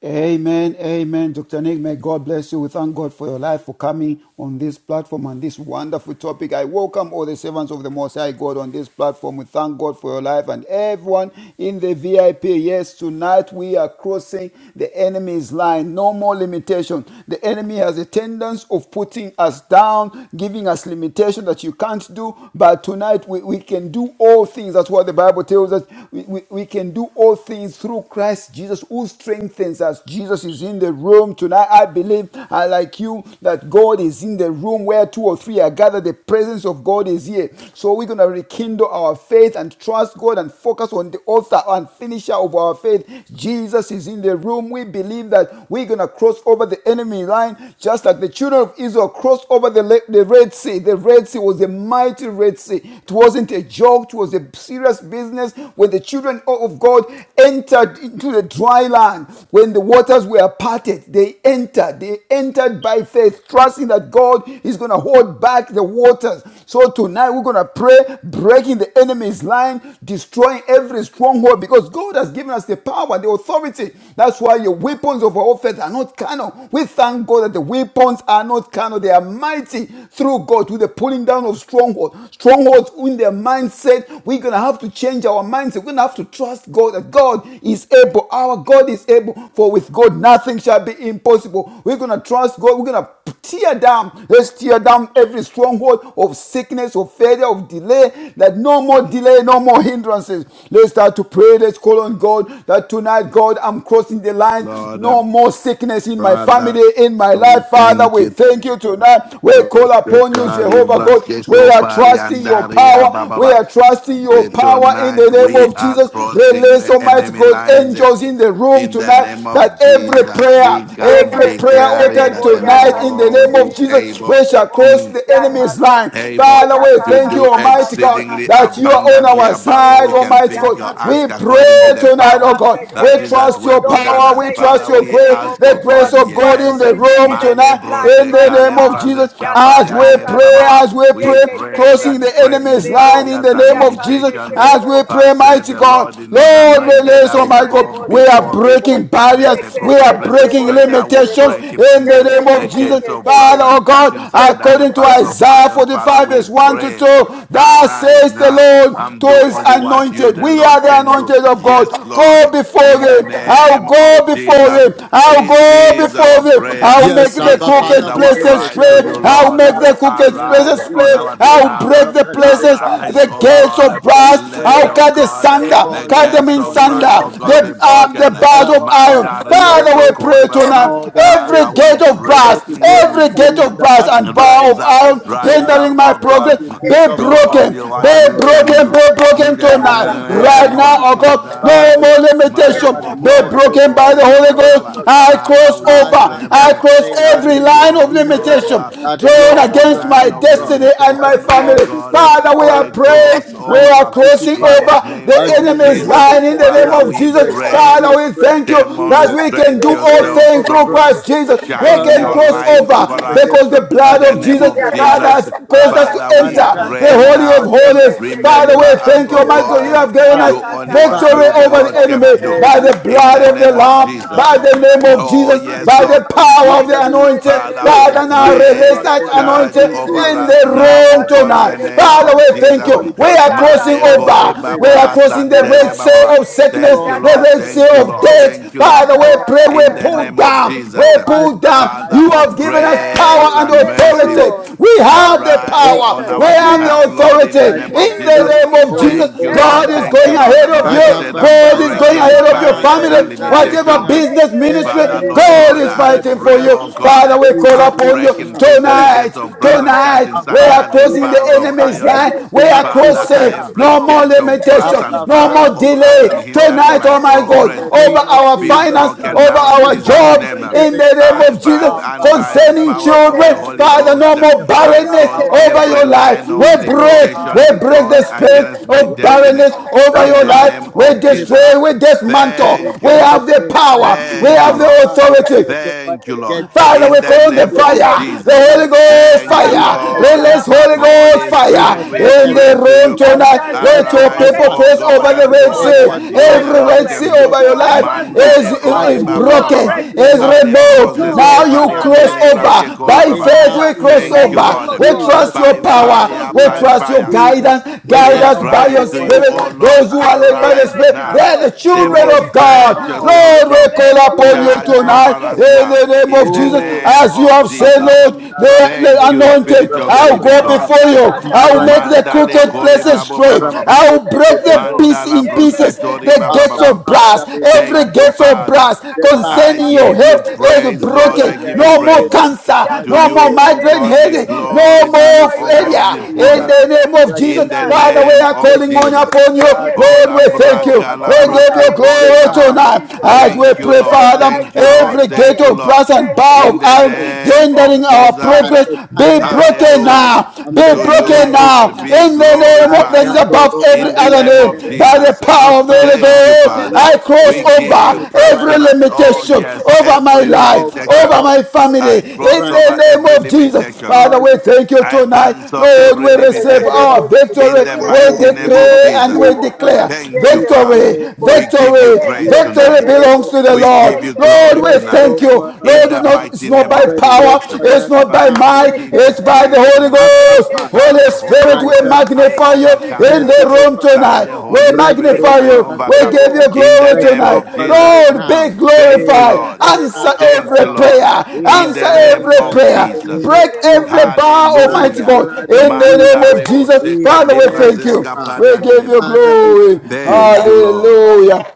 C: Amen, amen. Dr. Nick, may God bless you. We thank God for your life, for coming on this platform on this wonderful topic. I welcome all the servants of the Most High God on this platform. We thank God for your life and everyone in the VIP. Yes, tonight we are crossing the enemy's line. No more limitation. The enemy has a tendency of putting us down, giving us limitation that you can't do. But tonight we, we can do all things. That's what the Bible tells us. We, we, we can do all things through Christ Christ Jesus who strengthens us. Jesus is in the room tonight. I believe, I like you, that God is in the room where two or three are gathered. The presence of God is here. So we're going to rekindle our faith and trust God and focus on the author and finisher of our faith. Jesus is in the room. We believe that we're going to cross over the enemy line just like the children of Israel crossed over the, the Red Sea. The Red Sea was a mighty Red Sea. It wasn't a joke, it was a serious business. When the children of God entered into the dry land. When the waters were parted, they entered. They entered by faith, trusting that God is going to hold back the waters. So tonight we're going to pray, breaking the enemy's line, destroying every stronghold because God has given us the power the authority. That's why your weapons of offense are not carnal. We thank God that the weapons are not carnal. They are mighty through God with the pulling down of strongholds. Strongholds in their mindset. We're going to have to change our mindset mindset. We're going to have to trust God that God is able. Our God is able. For with God, nothing shall be impossible. We're going to trust God. We're going to tear down. Let's tear down every stronghold of sickness, of failure, of delay. That no more delay, no more hindrances. Let's start to pray. Let's call on God that tonight, God, I'm crossing the line.
D: Lord,
C: No more sickness in my
D: Father,
C: family, in my life.
D: we
C: Father,
D: thank
C: we
D: you.
C: thank you tonight. We call
D: Broske
C: upon you,
D: kali
C: Jehovah
D: braske
C: God. We are
D: kopari
C: trusting your
D: andaria
C: power. We
D: bababa.
C: are trusting your
D: With
C: power in the
D: tonight
C: name
D: we
C: of
D: are
C: Jesus.
D: crossing
C: Release,
D: the
C: Almighty
D: enemy
C: God,
D: lines.
C: angels in the room
D: In the
C: tonight
D: name of
C: that every
D: Jesus,
C: prayer,
D: we come
C: every prayer
D: declaring
C: uttered
D: that
B: Yekeseterebo,
D: the
C: tonight in the
D: Lord
C: name of
D: is
B: yakaseterebo,
C: Jesus,
D: able.
C: we shall
B: seterebo,
C: cross
D: Mm
C: the enemy's line.
B: yakaseterebo,
D: able
C: Father, we
D: to
C: thank you,
D: do
C: Almighty God,
B: yakakakakakaka,
D: exceedingly
C: that you are on
D: abundantly
C: our
D: above what
B: yekeseterebo,
C: side,
D: we can
C: Almighty
D: think or
C: God. We
D: ask according
B: yakaseterebo,
C: pray
D: to the
C: tonight, oh
D: power
C: God. We
D: that is
B: yakaseterebo.
D: at
C: trust your
D: work
B: No
D: within
C: power.
D: us.
C: We
B: limitation
C: trust
D: Father,
B: in
C: your
B: the
D: we
C: grace,
B: name of
D: ask,
C: the
D: oh
C: grace
B: Jesus.
D: God,
C: of
B: We're
C: God in
D: yes.
C: the
B: crossing the
C: room
D: Male
B: enemy's
C: tonight
D: brose
B: lines
C: in the
B: right
C: name
B: now.
C: of Jesus.
D: kalembrazes
C: As we
D: kapariandere
C: pray,
B: Yakakakaka,
D: bababa.
C: as we
D: We
C: pray,
D: pray that
C: crossing the
D: breaking
C: enemy's this
B: yekeseterebo,
C: line in the
D: barriers and
C: name of Jesus
D: limitations, eh,
C: as we
B: yakaseterebo,
C: pray,
D: Thus said
C: mighty
D: the
C: God.
D: Lord in his
C: Lord,
D: anointed,
C: release,
D: I
C: oh
D: will
C: my
D: go
C: God. We are
D: before thee
C: breaking
D: and make the
C: barriers, we
D: crooked
C: are
D: places
C: breaking
D: straight. I will
C: limitations
D: break in
C: in the
D: pieces
C: name
D: the
C: of Jesus.
D: gates of brass
C: Father, oh
D: and
C: God,
D: curtains under the
C: according to
D: bars of
C: Isaiah
D: iron. Father,
C: 45,
D: we
C: verse 1 to
D: pray.
C: 2, "Thou
D: Arise
C: says the
D: now
C: Lord
D: and
C: to
D: do
C: his
D: only what you,
C: anointed.
D: the
C: We are
D: Lord,
C: the
D: can do.
C: anointed of God.
D: Yes,
C: Go
D: Lord.
C: before
D: In the
C: them. I'll
D: name
C: go
D: of
C: before
D: Jesus,
C: them. I'll
D: this
F: Thank
C: go
D: is
C: before
D: our
C: them.
D: prayer.
C: I'll make
E: Yes,
C: the
E: Abba
D: This is
E: Father,
C: crooked
E: we
D: our
C: places
E: believe
D: cry
E: you
D: to
E: and we
C: straight.
D: you,
C: I'll
E: trust
D: Lord.
E: you
C: make
E: right
C: the
E: now in the
C: crooked
E: name of
D: Arise
C: places
D: on
E: Jesus
D: our
C: straight. I'll
E: Christ, the
D: behalf.
E: Son
C: break
E: of
C: the
E: the living
C: places,
E: God.
D: Arise,
C: the
D: O
E: Our
C: gates
D: God.
C: of
E: Father, we
C: brass.
E: pray
D: Let,
C: I'll
D: O
E: right
C: cut the
E: now,
D: God,
C: sunder,
D: the
C: cut
E: calling
C: them
D: gates
C: in
D: of
E: upon you,
D: brass,
C: sunder,
D: O God, be
C: the,
E: Almighty God,
C: um,
D: broken.
C: the
E: that
C: bars of
E: our
C: iron.
E: Father,
D: Manda
E: you
D: rebo
E: are
C: Father, we pray
E: able,
D: sokori baba.
C: tonight.
E: more than
D: Father,
C: Every
D: we
E: able,
C: gate of
D: pray.
C: brass,
E: able to do
C: every
D: mm,
C: gate
E: exceeding
C: of
E: and
C: brass and
E: abundantly
C: bar
D: Rise
C: of
E: above
D: up,
E: all
C: iron
E: that we
D: rise
E: ask,
D: up,
C: hindering my
D: oh
E: above all
D: God.
E: that
C: progress,
E: we
C: be
E: think of, O
D: Go
E: God,
D: on
C: broken,
D: your way.
C: be
D: You can
E: according
C: broken,
D: do
E: to
C: be
E: the
C: broken
D: in
E: power
D: the
E: that is at
C: tonight.
E: work,
C: Right
D: name
C: now,
E: Almighty
D: of
C: oh
E: God.
C: God, no
D: Jesus.
E: Father, you have
C: more
E: declared
C: limitation.
D: Mare
E: that,
D: bo-
C: Be
D: bo-
E: Lord,
D: bo- se-
E: you
C: broken
D: ko-
C: by
D: re-
E: go
C: the
D: ba-
C: Holy
D: ba- ba-
E: before
D: ba-
E: us,
D: ba.
C: Ghost.
E: O
C: I
E: God.
D: Father,
C: cross
D: we
C: over,
E: Father,
D: pray
E: I
C: I
D: that
B: Yes,
C: cross
E: pray in the
D: I
C: every
E: name of
C: line of
D: cross
E: Jesus
C: limitation
D: over
E: that,
C: drawn
E: Lord,
D: every
E: you
C: against
D: line
C: manage my
E: mighty
D: of
E: God,
C: destiny and
E: that,
C: my
D: limitation, oh
E: Lord,
C: family.
E: you go
D: God.
C: Father, we
E: before
C: are
D: I
E: us, O God,
D: cross
C: praying. We
E: and you
C: are
D: over
E: mighty
C: crossing
D: in the
E: Father,
C: over
D: name
C: the
E: and
D: of
E: you make
C: enemy's
E: the
D: Jesus.
C: line in
E: crooked
C: the name
D: Father,
C: of
E: places
D: we
E: straight,
C: Jesus.
D: pray.
E: and
C: Father,
E: you
C: we
E: break
C: thank
E: in
C: you that
E: pieces
C: we can
D: Demonstrate
C: do
E: the
C: all
E: gates
D: yourself
C: things
E: of
C: through
D: strong.
C: Christ
E: brass.
C: Jesus. We
D: Shine
C: can
E: Father,
D: your
C: cross
E: break
D: light
E: in
D: over
C: over
E: pieces the
D: us
C: because
E: gates
C: the
E: of
D: in
E: brass,
C: blood
D: the
C: of
E: in
D: name of
C: Jesus,
E: pieces the
C: Father,
D: Jesus.
E: gates
C: has
E: of
C: caused
E: brass,
C: us to
D: Father,
E: and
D: we
E: cut
C: enter
D: pray
C: the
E: in,
C: Holy of
D: now.
E: God, and let
C: Holies.
E: God cut
C: Father,
E: in
D: Remember
C: we
D: us,
C: thank you,
E: asunder
D: oh
E: the
C: Almighty God.
E: bars
C: You
D: God.
E: of
C: have given
D: Do
C: us
E: iron.
D: only what
C: victory
D: you,
E: Father,
D: the
E: O
C: over the
D: Lord,
E: God,
D: can
C: enemy
D: do.
C: by
E: every
C: the
E: gate
D: In
E: of
C: blood
D: the
C: of the
D: name
E: brass
D: of
E: and
C: Lamb,
D: Jesus.
E: bar
C: by
E: of
C: the name
E: iron.
C: of
D: Oh,
C: Jesus,
D: yes,
C: by
E: Mighty
D: Lord.
C: the
E: Father,
D: Mm.
C: power of the
E: hindering my
C: anointing.
D: Father,
B: Yekesenderebo,
E: progress,
D: we
C: Father, now
E: be
D: pray.
C: release that
B: yakasenderebo,
E: broken now
D: Charge
C: anointing
E: in
B: senderebo,
D: over
C: in
E: Jesus'
C: the
D: us
E: name.
D: now, O
C: room
E: And
D: God, in
C: tonight.
E: by
D: the
E: the
B: yakasenderebo,
D: name
C: Father,
E: power
D: of
C: we
E: of the
C: thank
B: senderebo,
C: you.
D: Jesus.
E: Holy
C: We
E: Ghost,
C: are
E: I
C: crossing
D: Malekori
E: cross
D: kori
C: over.
E: every
C: We
D: babo
B: yakakakakake,
C: are
E: line of
C: crossing the red
D: vasantere
C: sea
D: baba.
E: limitation
C: of
B: yakakashe,
C: sickness,
D: Thank you,
E: drawn
C: the
D: Lord.
C: red sea
E: against
D: Thank you,
E: my
C: of
B: yakaseterebo,
D: Lord.
C: death.
D: Thank
E: destiny,
D: you, Lord.
C: Father, we
E: drawn
C: pray, we
D: In
E: against
D: the
E: my
C: pull
D: name of
E: destiny.
C: down, we
B: yakakakakakaseterebo.
D: Jesus.
E: My
C: pull
E: God,
C: down.
E: I
D: Father
C: You are has
D: of
E: pray
C: given
E: right
C: us
E: now
D: grace
E: in
C: power
B: Yay!
C: and
E: the
D: and
E: name of
B: Yes,
D: mercy.
C: authority.
B: Lord.
E: Jesus,
C: We
B: No
C: have
E: by
C: the
E: the
D: Arise
C: power.
E: blood
D: on
B: limitation.
E: of
C: We
D: our
C: have
D: behalf,
C: the
B: Every
E: Jesus,
D: Lord, in the
E: by
C: authority.
B: every
D: name
E: the
C: In
D: of
B: spirit
C: the
B: of
E: fire
D: Jesus.
E: of
C: name
E: the
C: of
B: hindrance,
E: Holy
C: Jesus,
D: Thank you,
E: Ghost,
B: every
E: I
C: God
D: Lord.
C: is
D: Thank you,
C: going
E: pray
B: blockade is
D: Lord.
C: ahead of you.
E: that
B: broken.
D: Mindset
E: Abba
D: and
B: We're
C: God is
E: Father,
C: going
B: crossing
D: breaking
C: ahead
E: right
C: of
B: over
C: your
B: the
E: now there
D: barriers
C: family.
D: and
B: enemy's
E: is a
B: lines.
E: lifting
C: Whatever
D: limitations.
E: up.
C: business,
E: Then shall
D: Father,
C: ministry,
E: you
D: Lord
B: Yekesenderebo,
E: say
C: God
E: to
D: God,
C: is
E: them
D: I
E: that
C: fighting
B: senderebo.
E: I
C: for
D: pray,
C: you.
E: cast
D: oh
E: down,
D: God,
C: Father, we
E: there is
C: call
E: a
D: I'll
C: upon you
D: break
E: lifting
D: in
E: up,
D: pieces
E: there
D: the
E: is a
C: tonight.
D: gates of
E: lifting
D: brass
E: up.
D: and cut
C: Tonight,
D: in
E: Our
C: we are
D: sunder
E: Father,
D: the
E: we
C: crossing the
D: bars
E: pray
D: of
E: there is
C: enemy's
E: a
D: iron.
C: line. We
E: lifting
C: are
E: up
D: Father,
E: even
C: crossing.
E: now.
D: every
C: No more
D: gate of brass
C: limitation.
D: and
E: Abba,
C: No
D: bar
E: Father,
C: more
E: we
D: of
E: call
D: iron
C: delay.
E: upon
D: hindering
C: Tonight,
E: you
D: my
C: oh my
E: in
C: God,
D: progress
E: the
C: over
E: name of
C: our
D: be
E: Jesus
C: finance,
D: broken
E: Christ,
C: over
D: now in
E: the
C: our
D: Jesus'
E: Son of
C: jobs.
D: name.
E: the
C: In
E: living
C: the name
E: God.
D: I
C: of
D: by
C: Jesus,
D: and
E: Abba,
D: by the
E: Father,
C: concerning
E: we
D: power of the
C: children.
E: pray
D: Holy
C: Father,
B: Yes,
C: no
E: that
D: Ghost.
C: more
D: I
E: Jehovah,
C: barrenness
D: cross
E: our
C: over
D: every
E: God,
C: your life.
D: line
C: We
D: of
E: you show
C: break,
E: up
C: we
D: limitations
E: in a
C: break the
D: drawn
E: powerful,
C: spirit
D: against
E: mighty
D: my
C: of
E: way
D: destiny
C: barrenness
E: now.
C: over
E: The
D: in
C: your
D: the
E: Father,
D: name
C: life. We
D: of
E: every
D: Jesus.
C: destroy, we
E: barrier
C: dismantle.
D: Thank
C: We
D: you,
E: everything
C: have
D: Lord.
C: the power, we
E: representing,
D: Thank you,
C: have
E: oh
C: the
D: Lord.
E: God. Yes,
C: authority
E: oh God,
D: Thank you,
E: the
D: Lord.
E: gates of
C: Father,
D: In
C: we
E: brass,
D: the
C: call on the
E: let
D: name
E: them
B: Thank
E: be
D: of
B: you,
C: fire,
E: broken
C: the
D: Jesus.
B: Jesus.
C: Holy
E: and shattered
C: Ghost
D: Thank
E: and
D: you,
C: fire.
E: destroyed
D: Lord.
C: Release
E: now,
B: Yakasataraba,
C: Holy
E: oh
B: By
E: God,
C: Ghost
D: Holy
B: fire,
E: in
C: fire
D: Spirit, we
E: every
B: burn
C: in
E: area
D: pray
C: the
E: of
D: to
E: my
C: room
B: everything
D: you.
B: that
E: life and
C: tonight.
E: the
B: stands as
E: life
C: Let
B: a
E: of
C: your
E: my
D: Arise,
C: people
D: O
B: limitation,
C: cross
E: family.
D: God,
C: over
E: I
C: the
B: Almighty
D: and do
C: Red
E: pray
B: God,
D: only
E: that
D: what
C: Sea.
E: you
B: to
D: you,
B: my
E: make
D: the
C: Every
E: all
D: Lord,
E: the
C: Red
B: progress,
C: Sea
D: can do.
E: crooked
C: over
B: to
C: your
B: our
C: life
E: places smooth.
B: advancement,
C: is,
D: Mandale
B: oh
D: kori
B: God,
E: Father,
C: is
E: you
B: to
D: baba baba
E: level
B: our
C: broken,
D: baba.
E: every
C: is
B: breakthrough.
D: Ale
E: mountain.
B: Yes,
E: You
C: removed.
B: Lord,
D: brozeske
C: Now
E: lower
B: to
C: you
B: our
C: cross
E: every
D: pariandele
E: hill,
B: assignment.
D: braske
C: over.
D: kori
B: Oh
C: By
D: baba.
E: even
C: faith,
E: now
C: we
B: Father,
E: in the
C: cross
D: Thank
B: break
D: you,
E: name
B: it,
E: of
C: over.
D: Lord.
B: oh
C: We
B: God,
C: trust
E: Jesus,
C: your
D: By
B: in the
E: by
B: name
E: the
C: power.
D: fire,
B: of
C: We
D: by
E: blood
B: Jesus.
E: of
C: trust your
D: fire.
E: Jesus,
C: guidance.
E: with
C: Guide
D: We
E: the
B: By
C: us
E: help
C: by
E: of
D: cry
B: fire,
E: the
C: your
D: to you,
E: Holy
B: anything
C: spirit.
D: O
E: Ghost.
B: that
D: Lord,
C: Those
B: stands in
C: who
E: I
C: are
B: the
C: led by
E: pray,
B: way,
C: the
D: arise
B: mighty
C: spirit, they
D: now.
E: Father,
C: are
B: God,
C: the
E: do
C: children
B: break
E: it
C: of
B: it right
C: God.
D: Demonstrate
E: now,
B: now,
E: O
D: yourself
E: God.
B: in
C: Lord,
B: the
C: we
D: strong.
B: name
C: call
B: of
E: Do
C: upon
E: it
C: you
D: Charge
B: Jesus.
D: over
C: tonight
E: now, O
D: us
C: tonight in
E: God.
D: now
C: the name
D: in
C: of
D: the
C: Jesus.
E: Oh,
D: name
C: As you
D: of
C: have said,
D: Jesus.
C: Lord,
E: Rakababaramdara
C: the, the
D: Thank you, Spirit
E: Brukosikatara
C: anointing,
D: of the
C: I'll
D: Living
B: Ya
C: go
B: ta
E: Brukotabrama.
D: God.
C: before
B: ta
C: you.
B: ta ta
C: I'll
B: ta
C: make
B: ta
C: the
B: ta
E: Amarakamdara
B: ta
D: Mandale
C: crooked
B: ta ta.
C: places
D: koribabo
C: straight.
D: baba
E: Brukosikatara
B: Ye
D: baba.
B: ke
C: I'll
B: se
C: break them
B: terebo.
E: Brukotokotorama.
C: piece
D: Mandala
C: in
B: Ye ke
C: pieces.
B: se
E: Mary,
D: brosketori
C: The
D: baba
C: gates
B: terebo.
E: Abba,
D: baba.
C: of
B: Ya
C: brass,
E: Father,
B: ta
E: we
B: ta
E: break
B: ta
C: every
D: Thank
B: ta
D: you,
E: them,
C: gate
B: se.
E: mighty
C: of
D: Father.
C: brass
B: Ya
E: The
B: ta
E: bars
B: ta
D: I
B: ta
C: concerning your
B: se
E: of
D: give you
C: health
B: terebo.
C: is
E: be
D: praise,
B: Ya
D: Lord.
B: ta
D: I
C: broken.
D: give
E: broken,
B: se
D: you
C: No
E: be
C: more
D: praise.
B: terebo. Ya
C: cancer,
E: destroyed,
D: To
B: ta
C: no
E: be
C: more
D: you,
B: se
D: O
C: migraine
B: terebo.
E: rendered
D: God, be
B: No
C: headache,
E: useless
C: no
D: glory.
B: sickness,
D: To
E: by the
D: you,
C: more
B: no
D: O
E: blood of
D: God,
C: failure.
D: be
B: infirmity
C: In
D: honor
E: Jesus.
B: shall
C: the
B: be
C: name
B: able to
C: of
E: Break
D: in
E: in
C: Jesus,
D: the
B: stand.
C: Father,
E: pieces
C: we
D: name
C: are
D: of
E: the
C: calling on
E: gates of
D: Jesus.
C: upon
E: brass
C: you.
D: Oh,
C: Lord, we
E: and
C: thank
E: cut
B: Yekeseterebo.
C: you.
D: Lambraka,
C: We
B: Oh, Father,
C: give
E: asunder
C: you
D: Labroske,
B: every
D: Kori,
E: the
C: glory
B: death,
D: Baba.
E: bars
B: every
E: of
C: tonight
B: injury
C: as
E: iron,
C: we
D: Thank
B: is
D: you,
E: the
C: pray,
D: Lord.
B: burst
E: bars
C: Father.
E: of
B: right
D: Thank you,
B: now by
E: iron.
C: Every
D: Lord.
C: gate
D: Thank
B: fire.
D: you,
E: Abba,
C: of
D: Lord.
C: brass and
B: Burst
E: Father,
C: bar
B: by
C: of
D: In
E: we
D: the
C: iron
B: fire.
E: pray
D: name of
B: Burst
C: hindering
B: by
C: our
D: Jesus.
E: that
C: progress
B: fire.
E: the
C: be
E: time has
B: Burst by
C: broken
E: come
D: Hallelujah.
C: now.
B: fire.
E: and
C: Be
E: the
D: To
B: Burst
D: you,
E: time
C: broken
B: by
E: is
C: now.
D: Lord,
B: fire.
E: now.
D: be
C: In the
B: Burst
C: name
B: by
C: of that is
D: glorified.
B: fire.
C: above
E: Markatoro
C: every
B: In
D: In
B: the
D: the
C: other
E: Barian
D: name
B: name
C: name,
B: of
D: of
C: by
E: Dereba.
C: the
B: Jesus.
D: Jesus.
C: power of the
E: Abba
C: Holy
D: Thank you,
E: Father,
C: Ghost,
E: we
D: Father.
B: Yekeseterebo,
E: are
C: I cross
D: We
E: calling
B: seterebo,
D: give
E: upon
D: you
E: you,
C: over
D: praise
B: seterebo.
C: every
E: covenant
D: tonight. Oh,
E: keeping
C: limitation
E: God.
D: yes,
C: over
B: Yekeseterebo.
C: my
D: every
C: life,
E: Jehovah
C: over
D: limitation.
C: over my
E: our
C: family
B: Yekeseterebo,
D: I
E: God,
D: cross
C: in the
D: over
E: righteous
C: name
D: every
C: of
E: God.
C: Jesus.
D: limitation.
C: Father,
E: Show
C: we thank
E: yourself
C: you
D: I
E: strong.
C: tonight.
D: cancel
E: Show
C: Lord,
D: every
C: we
B: Thank
E: yourself
C: receive
B: you,
D: limitation
B: Jesus.
C: our
E: strong.
D: in
C: victory.
D: the
E: Right
C: We
E: now, in the
D: mighty name
E: name
D: of
E: of
C: decree and
D: Jesus.
C: we
E: Jesus,
C: declare
D: Thank you,
E: we
C: victory,
D: Father.
E: pray, oh
D: We give
E: God.
D: you
C: victory,
E: You
D: praise
E: are the
C: victory
D: tonight.
E: God
C: belongs
E: of
C: to the
D: We
C: Lord.
D: give
E: breakthrough.
D: you
C: Lord,
D: glory
C: we
D: tonight
C: thank
E: Breakthrough
C: you.
E: for
D: in
E: us
C: Lord,
D: the
C: not,
E: now.
C: it's
D: mighty
C: not
D: name
C: by
D: of
E: Breakthrough
C: power,
D: Jesus.
E: for
C: it's
E: us
C: not by
E: now.
D: Father, we
C: might,
E: Hmm.
D: give you
C: it's
B: Yekese,
C: by the
D: praise
C: Holy
D: tonight.
E: Abba
C: Ghost.
D: By
B: yekese
E: Father,
C: Holy
D: the
C: Spirit.
D: Holy
C: Spirit,
B: terebo,
C: we
E: righteous
D: Ghost, I
C: magnify
E: Father,
C: you
B: yekese
D: overcome.
C: in the
B: terebo,
E: merciful
C: room
D: By
C: tonight.
E: Father,
B: terebo,
D: the
C: We
D: Holy Spirit,
E: breakthrough
C: magnify
D: I
B: yekese
E: for
C: you.
E: us
C: We
D: overcome.
B: terebo,
C: give
E: now,
C: you
D: In the
C: glory
D: name
C: tonight.
E: breakthrough
D: of
B: yekese
E: for us
D: Jesus,
B: terebo,
C: Lord, be
E: now.
D: Thank you,
E: Hey,
B: yekese
C: glorified.
D: Lord.
E: Jehovah,
C: Answer
B: terebo,
E: our
D: Thank
C: every
D: you,
E: God,
D: Lord.
C: prayer.
E: we
B: yekese
E: are
D: In
C: Answer
D: the
B: terebo,
D: name
E: praying
C: every
E: right
D: of
E: now
C: prayer.
E: in the
B: yekese
D: Jesus.
E: name of
C: Break
B: terebo,
C: every
E: Jesus,
C: bar,
E: by
C: Almighty
E: the
D: Hallelujah.
C: God.
E: blood of
C: In
B: yekese
C: the
D: Manda
C: name
E: Jesus,
C: of
B: terebo,
D: rebo
C: Jesus.
E: we
B: terebo,
D: seka
C: Father, we
E: pray,
C: thank
E: oh
C: you.
D: lebrazeska
E: God.
C: We
D: pariande
C: give you
D: rebaba.
E: Father, we
C: glory.
E: thank you.
D: Thank you, Lord.
C: Hallelujah.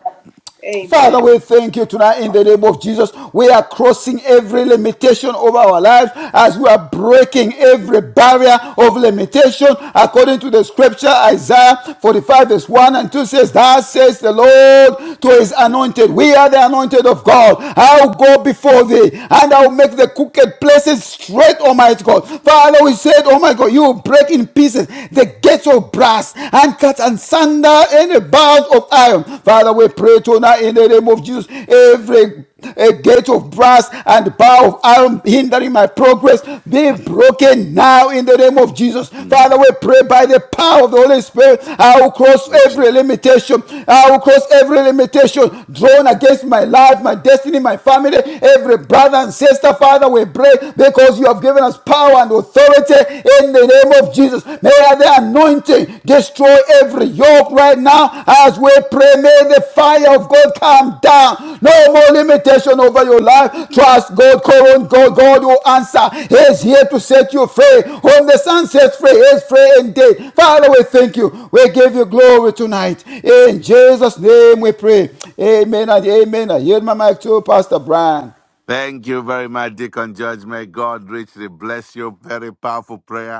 B: Amen.
C: Father, we thank you tonight in the name of Jesus. We are crossing every limitation of our lives as we are breaking every barrier of limitation according to the scripture Isaiah 45 verse 1 and 2 says, Thus says the Lord to his anointed. We are the anointed of God. I'll go before thee and I'll make the crooked places straight, Almighty God. Father, we said, Oh my God, you will break in pieces the gates of brass and handcuffs and sandals and bars of iron. Father, we pray tonight in the name of Jesus. Every a gate of brass and bar of iron hindering my progress be broken now in the name of Jesus.
D: Mm.
C: Father, we pray by the power of the Holy Spirit, I will cross every
E: Yes.
C: limitation. I will cross every limitation drawn against my life, my destiny, my family, every brother and sister. Father, we pray because you have given us power and authority authority in the name of Jesus. May the anointing destroy every yoke right now as we pray. May the fire of God come down. No more limitation over your life. Trust God. Call on God. God will answer. He is here to set you free. Whom the Son sets free He is free indeed. Father, we thank you. We give you glory tonight. In Jesus' name we pray. Amen and amen. I yield my mic to Pastor Brian.
D: Thank you very much, Deacon Judge. May God richly bless you. Very powerful prayer.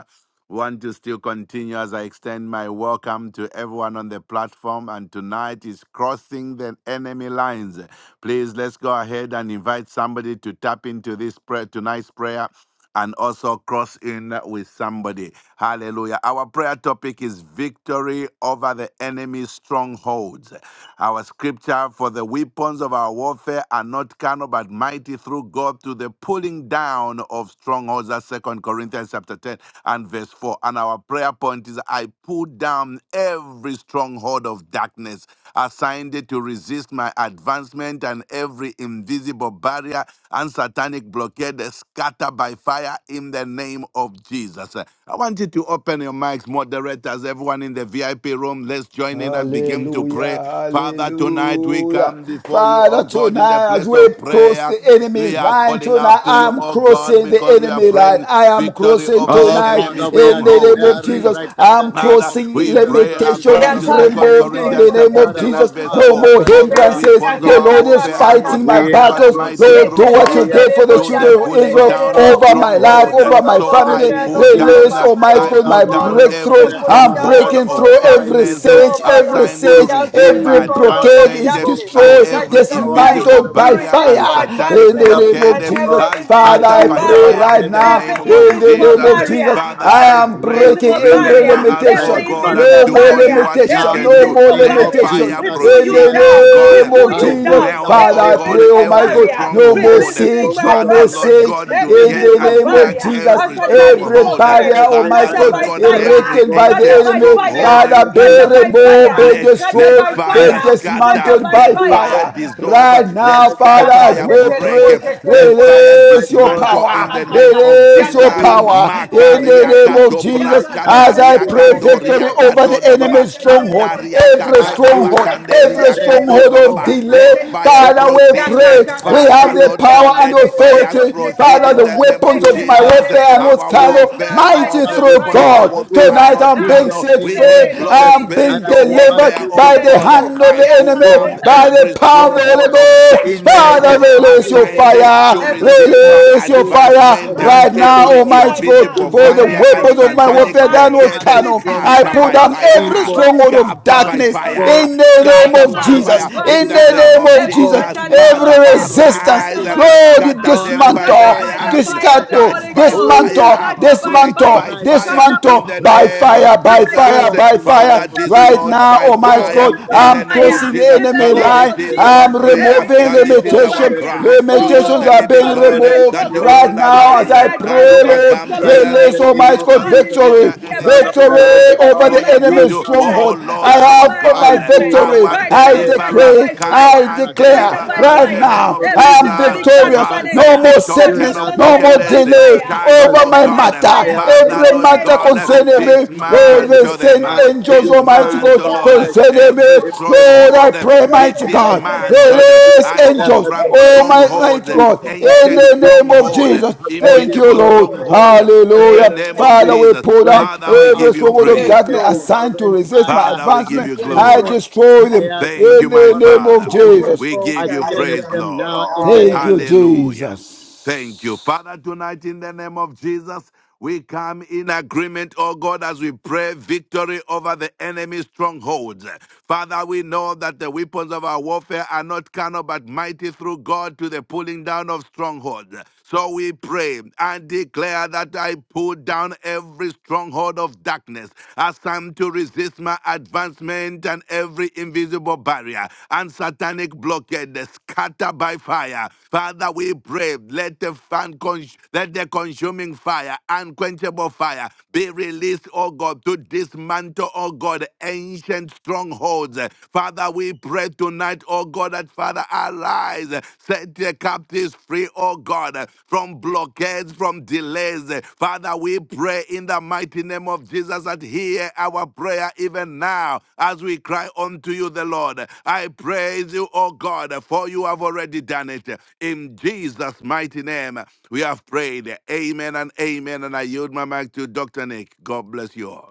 D: Want to still continue as I extend my welcome to everyone on the platform. And tonight is crossing the enemy lines. Please let's go ahead and invite somebody to tap into this prayer tonight's prayer and also cross in with somebody. Hallelujah. Our prayer topic is victory over the enemy's strongholds. Our scripture for the weapons of our warfare are not carnal but mighty through through God to the pulling down of strongholds. That's 2 Corinthians chapter 10 and verse 4. And our prayer point is I pull down every stronghold of darkness assigned it to resist my advancement and every invisible barrier and satanic blockade scattered by fire in the name of Jesus. Uh, I want you to open your mics, moderators, everyone in the VIP room. Let's join in and begin to
C: Hallelujah,
D: pray Father, tonight we
C: hallelujah.
D: come before you,
C: Father,
D: oh God, in the
C: tonight as
D: place
C: we
D: of
C: cross
D: prayer.
C: the enemy
D: We are
C: line,
D: calling
C: tonight
D: out to you,
C: I'm
D: oh God,
C: crossing the
D: because we are
C: enemy line.
D: praying
C: I am
D: victory
C: crossing
D: over
E: Our
D: the
C: tonight
D: enemy
E: Father, we are
C: in the name
D: strongholds.
C: of
D: Mm.
E: declaring
C: Jesus.
E: right now in the
C: I'm
E: name
D: Father,
E: of
C: crossing
D: we
E: Jesus
D: pray
E: Christ, the
C: limitation
E: Son
D: according
C: is
D: to
E: of the
D: Second
E: living
C: removed in
E: God,
C: the
D: Corinthians
C: name
D: chapter
C: of
E: that
D: 10
C: Jesus.
D: and
E: our
D: verse
C: No
D: 4.
E: Father,
C: more
E: right
D: For the
E: now,
C: hindrances.
D: weapons of
C: The
E: we
D: our
E: are
C: Lord is
D: warfare are
E: crossing,
C: fighting
D: not
C: my
E: we
D: carnal
E: are
D: but
C: battles.
D: mighty
E: crossing,
C: Lord, do
D: through
C: what you
E: we
D: God eh,
E: are
C: did for the
D: to the
E: crossing.
C: children of
D: pulling
E: Oh
C: Israel
D: down of
E: God,
C: over
E: we are
C: my
B: Where
C: life,
B: we
D: strongholds.
C: over
E: crossing
B: pose
E: right
C: my
B: over
E: now
D: So
E: in the
B: all
D: I
C: family.
E: name of
B: fellow
D: put
B: cattle
E: Jesus
D: down
C: Release,
B: by
D: eh,
C: Almighty
B: mighty
E: for
D: I
C: God,
B: through
E: our
C: my
D: put
B: God
D: down
E: weapon of
C: breakthrough.
B: to
D: every
B: the
E: warfare are
C: I
B: pulling
E: not
C: I'm
B: down
D: stronghold
B: of
E: kind
C: breaking
E: but
C: through
D: of
B: strongholds.
C: every
E: mighty
D: darkness eh,
E: through
B: Oh
C: siege,
E: God
B: Father,
C: every
B: we
D: assigned
B: put
D: to
E: to
C: siege,
E: the
B: down
D: resist
B: every
C: every
D: my
E: pulling
B: stronghold
E: down
C: blockade
B: of
E: of
D: advancement
C: is
D: eh,
B: darkness
D: and
E: strongholds.
C: destroyed,
B: that
D: every
B: is a
E: Our
B: sign.
D: invisible
E: Father,
C: dismantled
B: to
E: we
C: by
D: barrier
B: resist
D: and
E: declare,
C: fire.
B: my
D: satanic
C: In the
D: block
E: prayer
B: advancement
C: name
E: point
C: of
B: and
E: of
D: located,
C: Jesus,
B: every
E: God,
D: I
E: I
C: Father,
D: scatter
B: invisible
C: I
E: pull
D: by
C: pray
E: down
D: fire
B: barrier,
C: right
D: in the
E: every
C: now.
D: name
B: every
E: stronghold
C: In
D: of
E: of
C: the
B: invisible
C: name
D: Jesus.
C: of
E: darkness
B: barrier,
C: Jesus,
D: Father,
C: I
B: every
D: I
C: am
E: assigned
D: pray,
E: to
C: breaking
B: invisible
E: resist
C: every
D: remember
B: barrier,
E: my,
D: us,
E: my
D: oh
C: limitation.
B: every
D: God, and
C: No
B: invisible
E: advancement.
D: do
C: more
D: only
B: barrier,
E: Right
D: what you
E: now,
C: limitation.
B: every
D: can
E: in
C: No
D: do.
E: the
C: more
B: invisible
E: name
D: Let
E: of
B: barrier.
C: limitation.
D: fire
B: We
E: Jesus,
B: pull
C: In
B: you
D: proceed,
E: I
D: oh
B: down,
E: pray.
C: the
D: God,
B: we
C: name
B: pull
C: of
E: I
B: you
D: to
E: pull
B: down,
C: Jesus,
D: melt,
E: down
C: Father,
D: oh
B: every
C: I pray,
E: every
D: God,
C: oh
B: invisible
C: my
D: every
C: God,
E: stronghold,
B: barrier
C: no more
D: stronghold.
E: every
B: resisting
C: siege,
B: my
E: stronghold
C: no
E: of
D: Father,
C: more
B: advancement,
D: Lord
E: darkness
C: siege.
D: God, to
B: every
E: assigned
C: In
D: get
E: to
C: the
B: invisible
C: name
E: resist
C: of
D: unstuck
B: barrier,
E: my
C: Jesus,
B: a
D: every
E: advancement,
B: satanic
C: every
D: stronghold.
B: blockade,
C: barrier, oh
E: every
C: my
D: Father,
E: right
B: scatter
C: God,
D: Lord
B: by
D: God,
E: satanic
B: fire,
D: every
C: erected by the
B: scatter
D: ancient
E: stronghold,
B: by
C: enemy,
D: stronghold.
B: fire,
C: Father,
E: every
C: be
D: Mm.
B: scatter by
E: demonic
C: removed,
B: fire,
C: be
D: Let
E: pattern,
B: scatter
D: let
B: by
C: destroyed, be
D: fire
E: satanic
B: fire,
D: scatter,
B: scatter
E: pattern,
C: dismantled
B: by
C: by
D: let
B: fire,
D: fire
E: evil
C: fire.
E: pattern,
D: dissolve,
C: Right
D: let
C: now,
E: that's
D: sky
C: Father,
B: Right
C: as
D: fire
E: assigned
C: we
D: break,
C: pray,
E: against my
D: let fire
E: mind, my
C: release your
E: thoughts,
D: dismantle
E: my
C: power,
D: in the name
E: imagination,
D: of
E: my
C: release your
D: Jesus.
E: dreams,
C: power.
E: my
C: In the
D: Makaria
C: name
E: calling,
C: of
D: kato
F: you.
E: my
C: Jesus,
E: right
D: braska
E: now
C: as I
D: taria
F: Thank
C: pray
E: demonic
C: victory
D: kandoria
C: over the
D: kato
E: patterns right
D: baba
C: enemy's
E: now.
C: stronghold,
D: handaria
C: every
E: I
D: kakala
E: pull
C: stronghold,
E: down
C: every
D: bakanderia kato
E: every
C: stronghold of
D: baba. Let
E: stronghold.
C: delay, Father.
D: fire
C: Father,
E: Every
C: we
D: proceed,
C: pray.
E: stronghold, I
C: We
E: pull
D: Father
C: have
E: you
C: the
D: Lord
E: down
C: power
D: God.
C: and
E: in
D: Let
E: the name
D: fire
E: of
C: authority.
E: Jesus.
D: proceed in
C: Father, the
D: the
E: I
D: name
E: pull
C: weapons
D: of
E: you
C: of my
E: down
D: Jesus.
E: in
C: warfare
E: the
C: are
E: name of
C: not
D: Our
E: Jesus.
C: carnal,
D: warfare
B: now,
D: warfare
E: I
B: right
C: mighty
D: of the
B: now,
C: through
D: weapon
B: right
E: uproot
D: of our
C: God.
B: now
E: your
D: warfare are
E: roots
B: right
C: Tonight
D: not
C: I'm
E: in
C: being
B: now
E: the
D: carnal.
C: set
B: in
D: We
E: name
B: the
C: free.
E: of
B: name of
D: employ
E: Jesus.
C: I am
B: Jesus.
C: being
E: And I
D: spiritual
E: command
C: delivered
D: warfare,
E: you
D: oh
C: by
E: to go
C: the
D: God.
B: Yekesenderebo,
C: hand of
E: now.
D: I
C: the
D: put
E: Go
C: enemy,
D: down
C: by
E: now.
C: the
B: yakasenderebo,
D: every
C: power of
E: Go
C: the
B: senderebo,
D: stronghold
C: Holy
D: of
E: now.
C: Ghost.
E: In the
D: darkness
C: Father,
E: name
B: yekesenderebo,
E: of
C: release your
D: assigned
E: Jesus.
B: senderebo.
C: fire.
D: to
E: By
B: Every
E: the
D: resist
B: spirit
E: blood
D: my
B: of
E: of
C: Release your
E: Jesus,
B: infirmity,
E: I
C: fire
D: advancement,
B: right
E: command
C: right
E: you
B: now,
E: to
C: now,
D: every
E: go.
C: Almighty
B: right
C: God,
D: invisible
B: now,
C: for the
E: Demonic
D: barrier
B: every
D: and
C: weapons of my
E: stronghold,
B: invisible
C: warfare
D: satanic
C: that
B: barrier
C: was
D: blockade
E: satanic
C: carnal.
B: resisting
C: I
D: scattered
B: my
E: stronghold,
C: put
D: by
C: down
B: progress,
C: every
D: fire,
E: evil
B: right
C: stronghold of
D: scattered
E: stronghold
D: by
C: darkness
B: now
E: Go
D: fire,
C: in the
E: now
C: name
B: right
D: scattered
E: in
C: of
D: by
E: the
B: now,
C: Jesus.
D: fire
E: name of
B: right
D: in
C: In
D: the
C: the
E: Jesus.
D: name
B: now,
C: name of
D: of
C: Jesus.
B: every
C: Jesus,
E: Go
D: Jesus.
B: satanic
C: every
D: Father,
E: now in
B: blockade,
E: the name of
B: cut
C: resistance,
B: up
D: arise
B: by
E: Jesus.
B: fire,
C: Lord, you
D: Scatter
E: Oh,
D: them
E: I
D: by
B: cut up
E: pray
C: dismantle,
B: by the
E: and
D: fire,
B: fire of the
E: declare,
C: dismantle,
D: charge
B: Holy
D: by
B: Ghost,
E: oh
C: dismantle,
D: fire,
B: cut up
E: God,
B: by
D: break
B: fire,
C: dismantle,
D: by
E: right
B: cut
D: fire
E: now,
B: up by
D: in
C: dismantle
D: the
C: by
E: right
B: fire,
D: name
E: now,
C: fire,
D: of
B: cut
C: by
B: by
C: fire,
D: Jesus.
E: go
B: fire,
C: by
E: in the
C: fire.
D: Father,
E: name of
B: cut up
C: Right
E: Jesus.
D: dislodge
B: by
C: now,
D: by
C: Almighty
E: Go
B: fire,
D: fire
C: God,
B: cut
E: in
B: up
E: the
D: in
B: by
E: name
C: I'm
D: the
E: of
D: name of
C: crossing
B: fire,
E: Jesus.
C: the
D: Jesus.
B: in
C: enemy
B: the
D: Father,
E: Go
B: name
C: line.
D: this
B: of
E: in the
D: is
E: name
D: our
E: of
C: I'm
B: Jesus,
E: Jesus.
D: prayer
B: every
C: removing
D: and this
E: Go
D: is
B: invincible
E: in
D: our
C: limitation.
E: the
B: barrier,
E: name
D: cry
E: of
D: to you,
E: Jesus.
C: Limitations
D: the
B: oh,
C: are
D: living
C: being
E: I
B: stopping
D: God,
B: my
E: rebuke
C: removed
D: that you
E: you.
B: progress,
C: right
D: will
E: I
C: now as
B: stopping
D: arise
C: I
B: my
E: command
D: and
C: pray,
E: you
B: advancement,
D: overcome
C: Lord.
B: Stop
D: in
E: right
B: him
D: the
E: in
B: by
C: Release,
E: the
D: name
B: too
D: of
B: being
E: name
C: Almighty
E: of
C: God,
D: Jesus.
B: proud
E: Jesus
D: Is
B: enough
C: victory,
B: to
E: Christ,
D: there
B: be
E: the
B: a
E: Son
D: anything
E: of
D: to
B: blessing.
C: victory
E: the
D: hide?
E: living
B: Stop
C: over
E: God.
B: him
D: for
C: the
B: by
D: you to
E: You
C: enemy's
D: do,
B: debt-free
E: shall
B: life.
E: not
D: oh
C: stronghold.
D: Lord
C: I
B: Stop
E: abide.
B: him
D: our
C: have
B: by
C: my
E: I
D: God,
E: pull
B: advancement.
C: victory.
D: our
E: down
B: Right
C: I
B: now,
E: every
B: scatter
D: deliverer,
C: decree,
B: by
E: stronghold of
D: come
C: I
B: fire.
D: and
C: declare
E: darkness
B: Scatter
D: deliver
C: declare
B: by
D: us in
C: right
D: the
B: fire.
E: assigned
D: name
C: now,
D: of
E: to
B: Every
C: I
E: resist
C: am
D: Jesus.
E: my
B: demonic bank
C: victorious. No
D: Frustrate
B: manager.
E: advancement.
C: more
D: the
E: You
D: token
B: Scatter
C: sickness,
E: shall
D: of
B: by,
C: no
E: not
B: scatter
C: more
B: by
D: wickedness,
E: resist
C: delay
E: my
B: fire.
D: charge,
C: over
D: oh
C: my
B: Scatter
E: advancement.
B: by
D: God,
C: matter.
E: I
B: fire. In
D: Father,
E: uproot
B: the
C: Every
D: Lord
E: you.
B: name
C: matter
B: of
D: God,
E: I
C: concerning
B: Jesus.
C: me, Lord,
E: dismantle
C: they
E: you.
D: dismantle
C: send
D: them,
B: Yekesetelebo,
E: I
C: angels,
E: destroy
C: Almighty
E: your
C: God,
D: dismantle, Lord,
E: foundation.
C: concerning me.
D: every
E: If the
C: Lord, I
D: stronghold
C: pray,
E: foundation,
D: be
C: mighty
E: my
C: God,
E: God, right
D: dismantled.
E: now you
C: release
D: I
E: declare
C: angels,
E: that the
D: confront
C: oh my
E: foundation of
D: strongholds,
C: mighty God,
E: evil
C: in
D: ancient
E: is
C: the name
B: Thank
C: of
E: destroyed
D: stronghold,
C: Jesus. Thank
E: according
C: you,
D: invisible
E: to
C: Lord.
E: my
D: stronghold,
E: Psalm chapter
D: in the
C: Hallelujah.
B: you,
E: 11,
D: name
E: verse
D: of
C: Father,
B: Jesus.
E: 6.
C: we
D: Jesus.
C: pull down
E: Right
D: Father,
E: now,
D: we
C: every
D: give you
E: upon
C: stronghold
E: the
C: of
B: Yes,
D: praise.
C: darkness
E: wicked you
B: Lord.
E: shall
C: assigned to
E: rain
C: resist my
E: fire
D: Father, we give
E: and
C: advancement.
D: you
B: Yes,
C: I
D: glory.
B: Lord.
E: brimstone,
C: destroy them
E: snares,
D: Thank
E: and
C: in
D: you,
E: the
C: the
D: my
C: name
E: horrible
C: of
D: Father.
B: We pray,
E: tempest
C: Jesus.
D: We
B: oh
D: give
B: God,
D: you
B: no
E: against
D: praise,
B: time.
E: them
D: Lord.
E: now in the
B: Amen.
C: Thank
E: name
C: you,
E: of
D: Hallelujah.
E: Jesus.
D: Thank you.
C: Jesus.
D: Father, tonight in the name of Jesus, we come in agreement, oh God, as we pray victory over the enemy's strongholds. Father, we know that the weapons of our warfare are not carnal but mighty through God to the pulling down of strongholds. So we pray and declare that I pull down every stronghold of darkness of darkness, assigned to resist my advancement and every invisible barrier and satanic blockade Scatter by fire. Father, we pray, let the fan cons- let the consuming fire, unquenchable fire, be released, oh God, to dismantle, oh God, ancient strongholds. Father, we pray tonight, oh God, that Father, arise, set the captives free, oh God, from blockades, from delays. Father, we pray in the mighty name of Jesus that hear our prayer even now as we cry unto you, the Lord. I praise you, oh God, for you have already done it. In Jesus' mighty name, we have prayed. Amen and amen. And I yield my mic to Dr. Nick. God bless you all.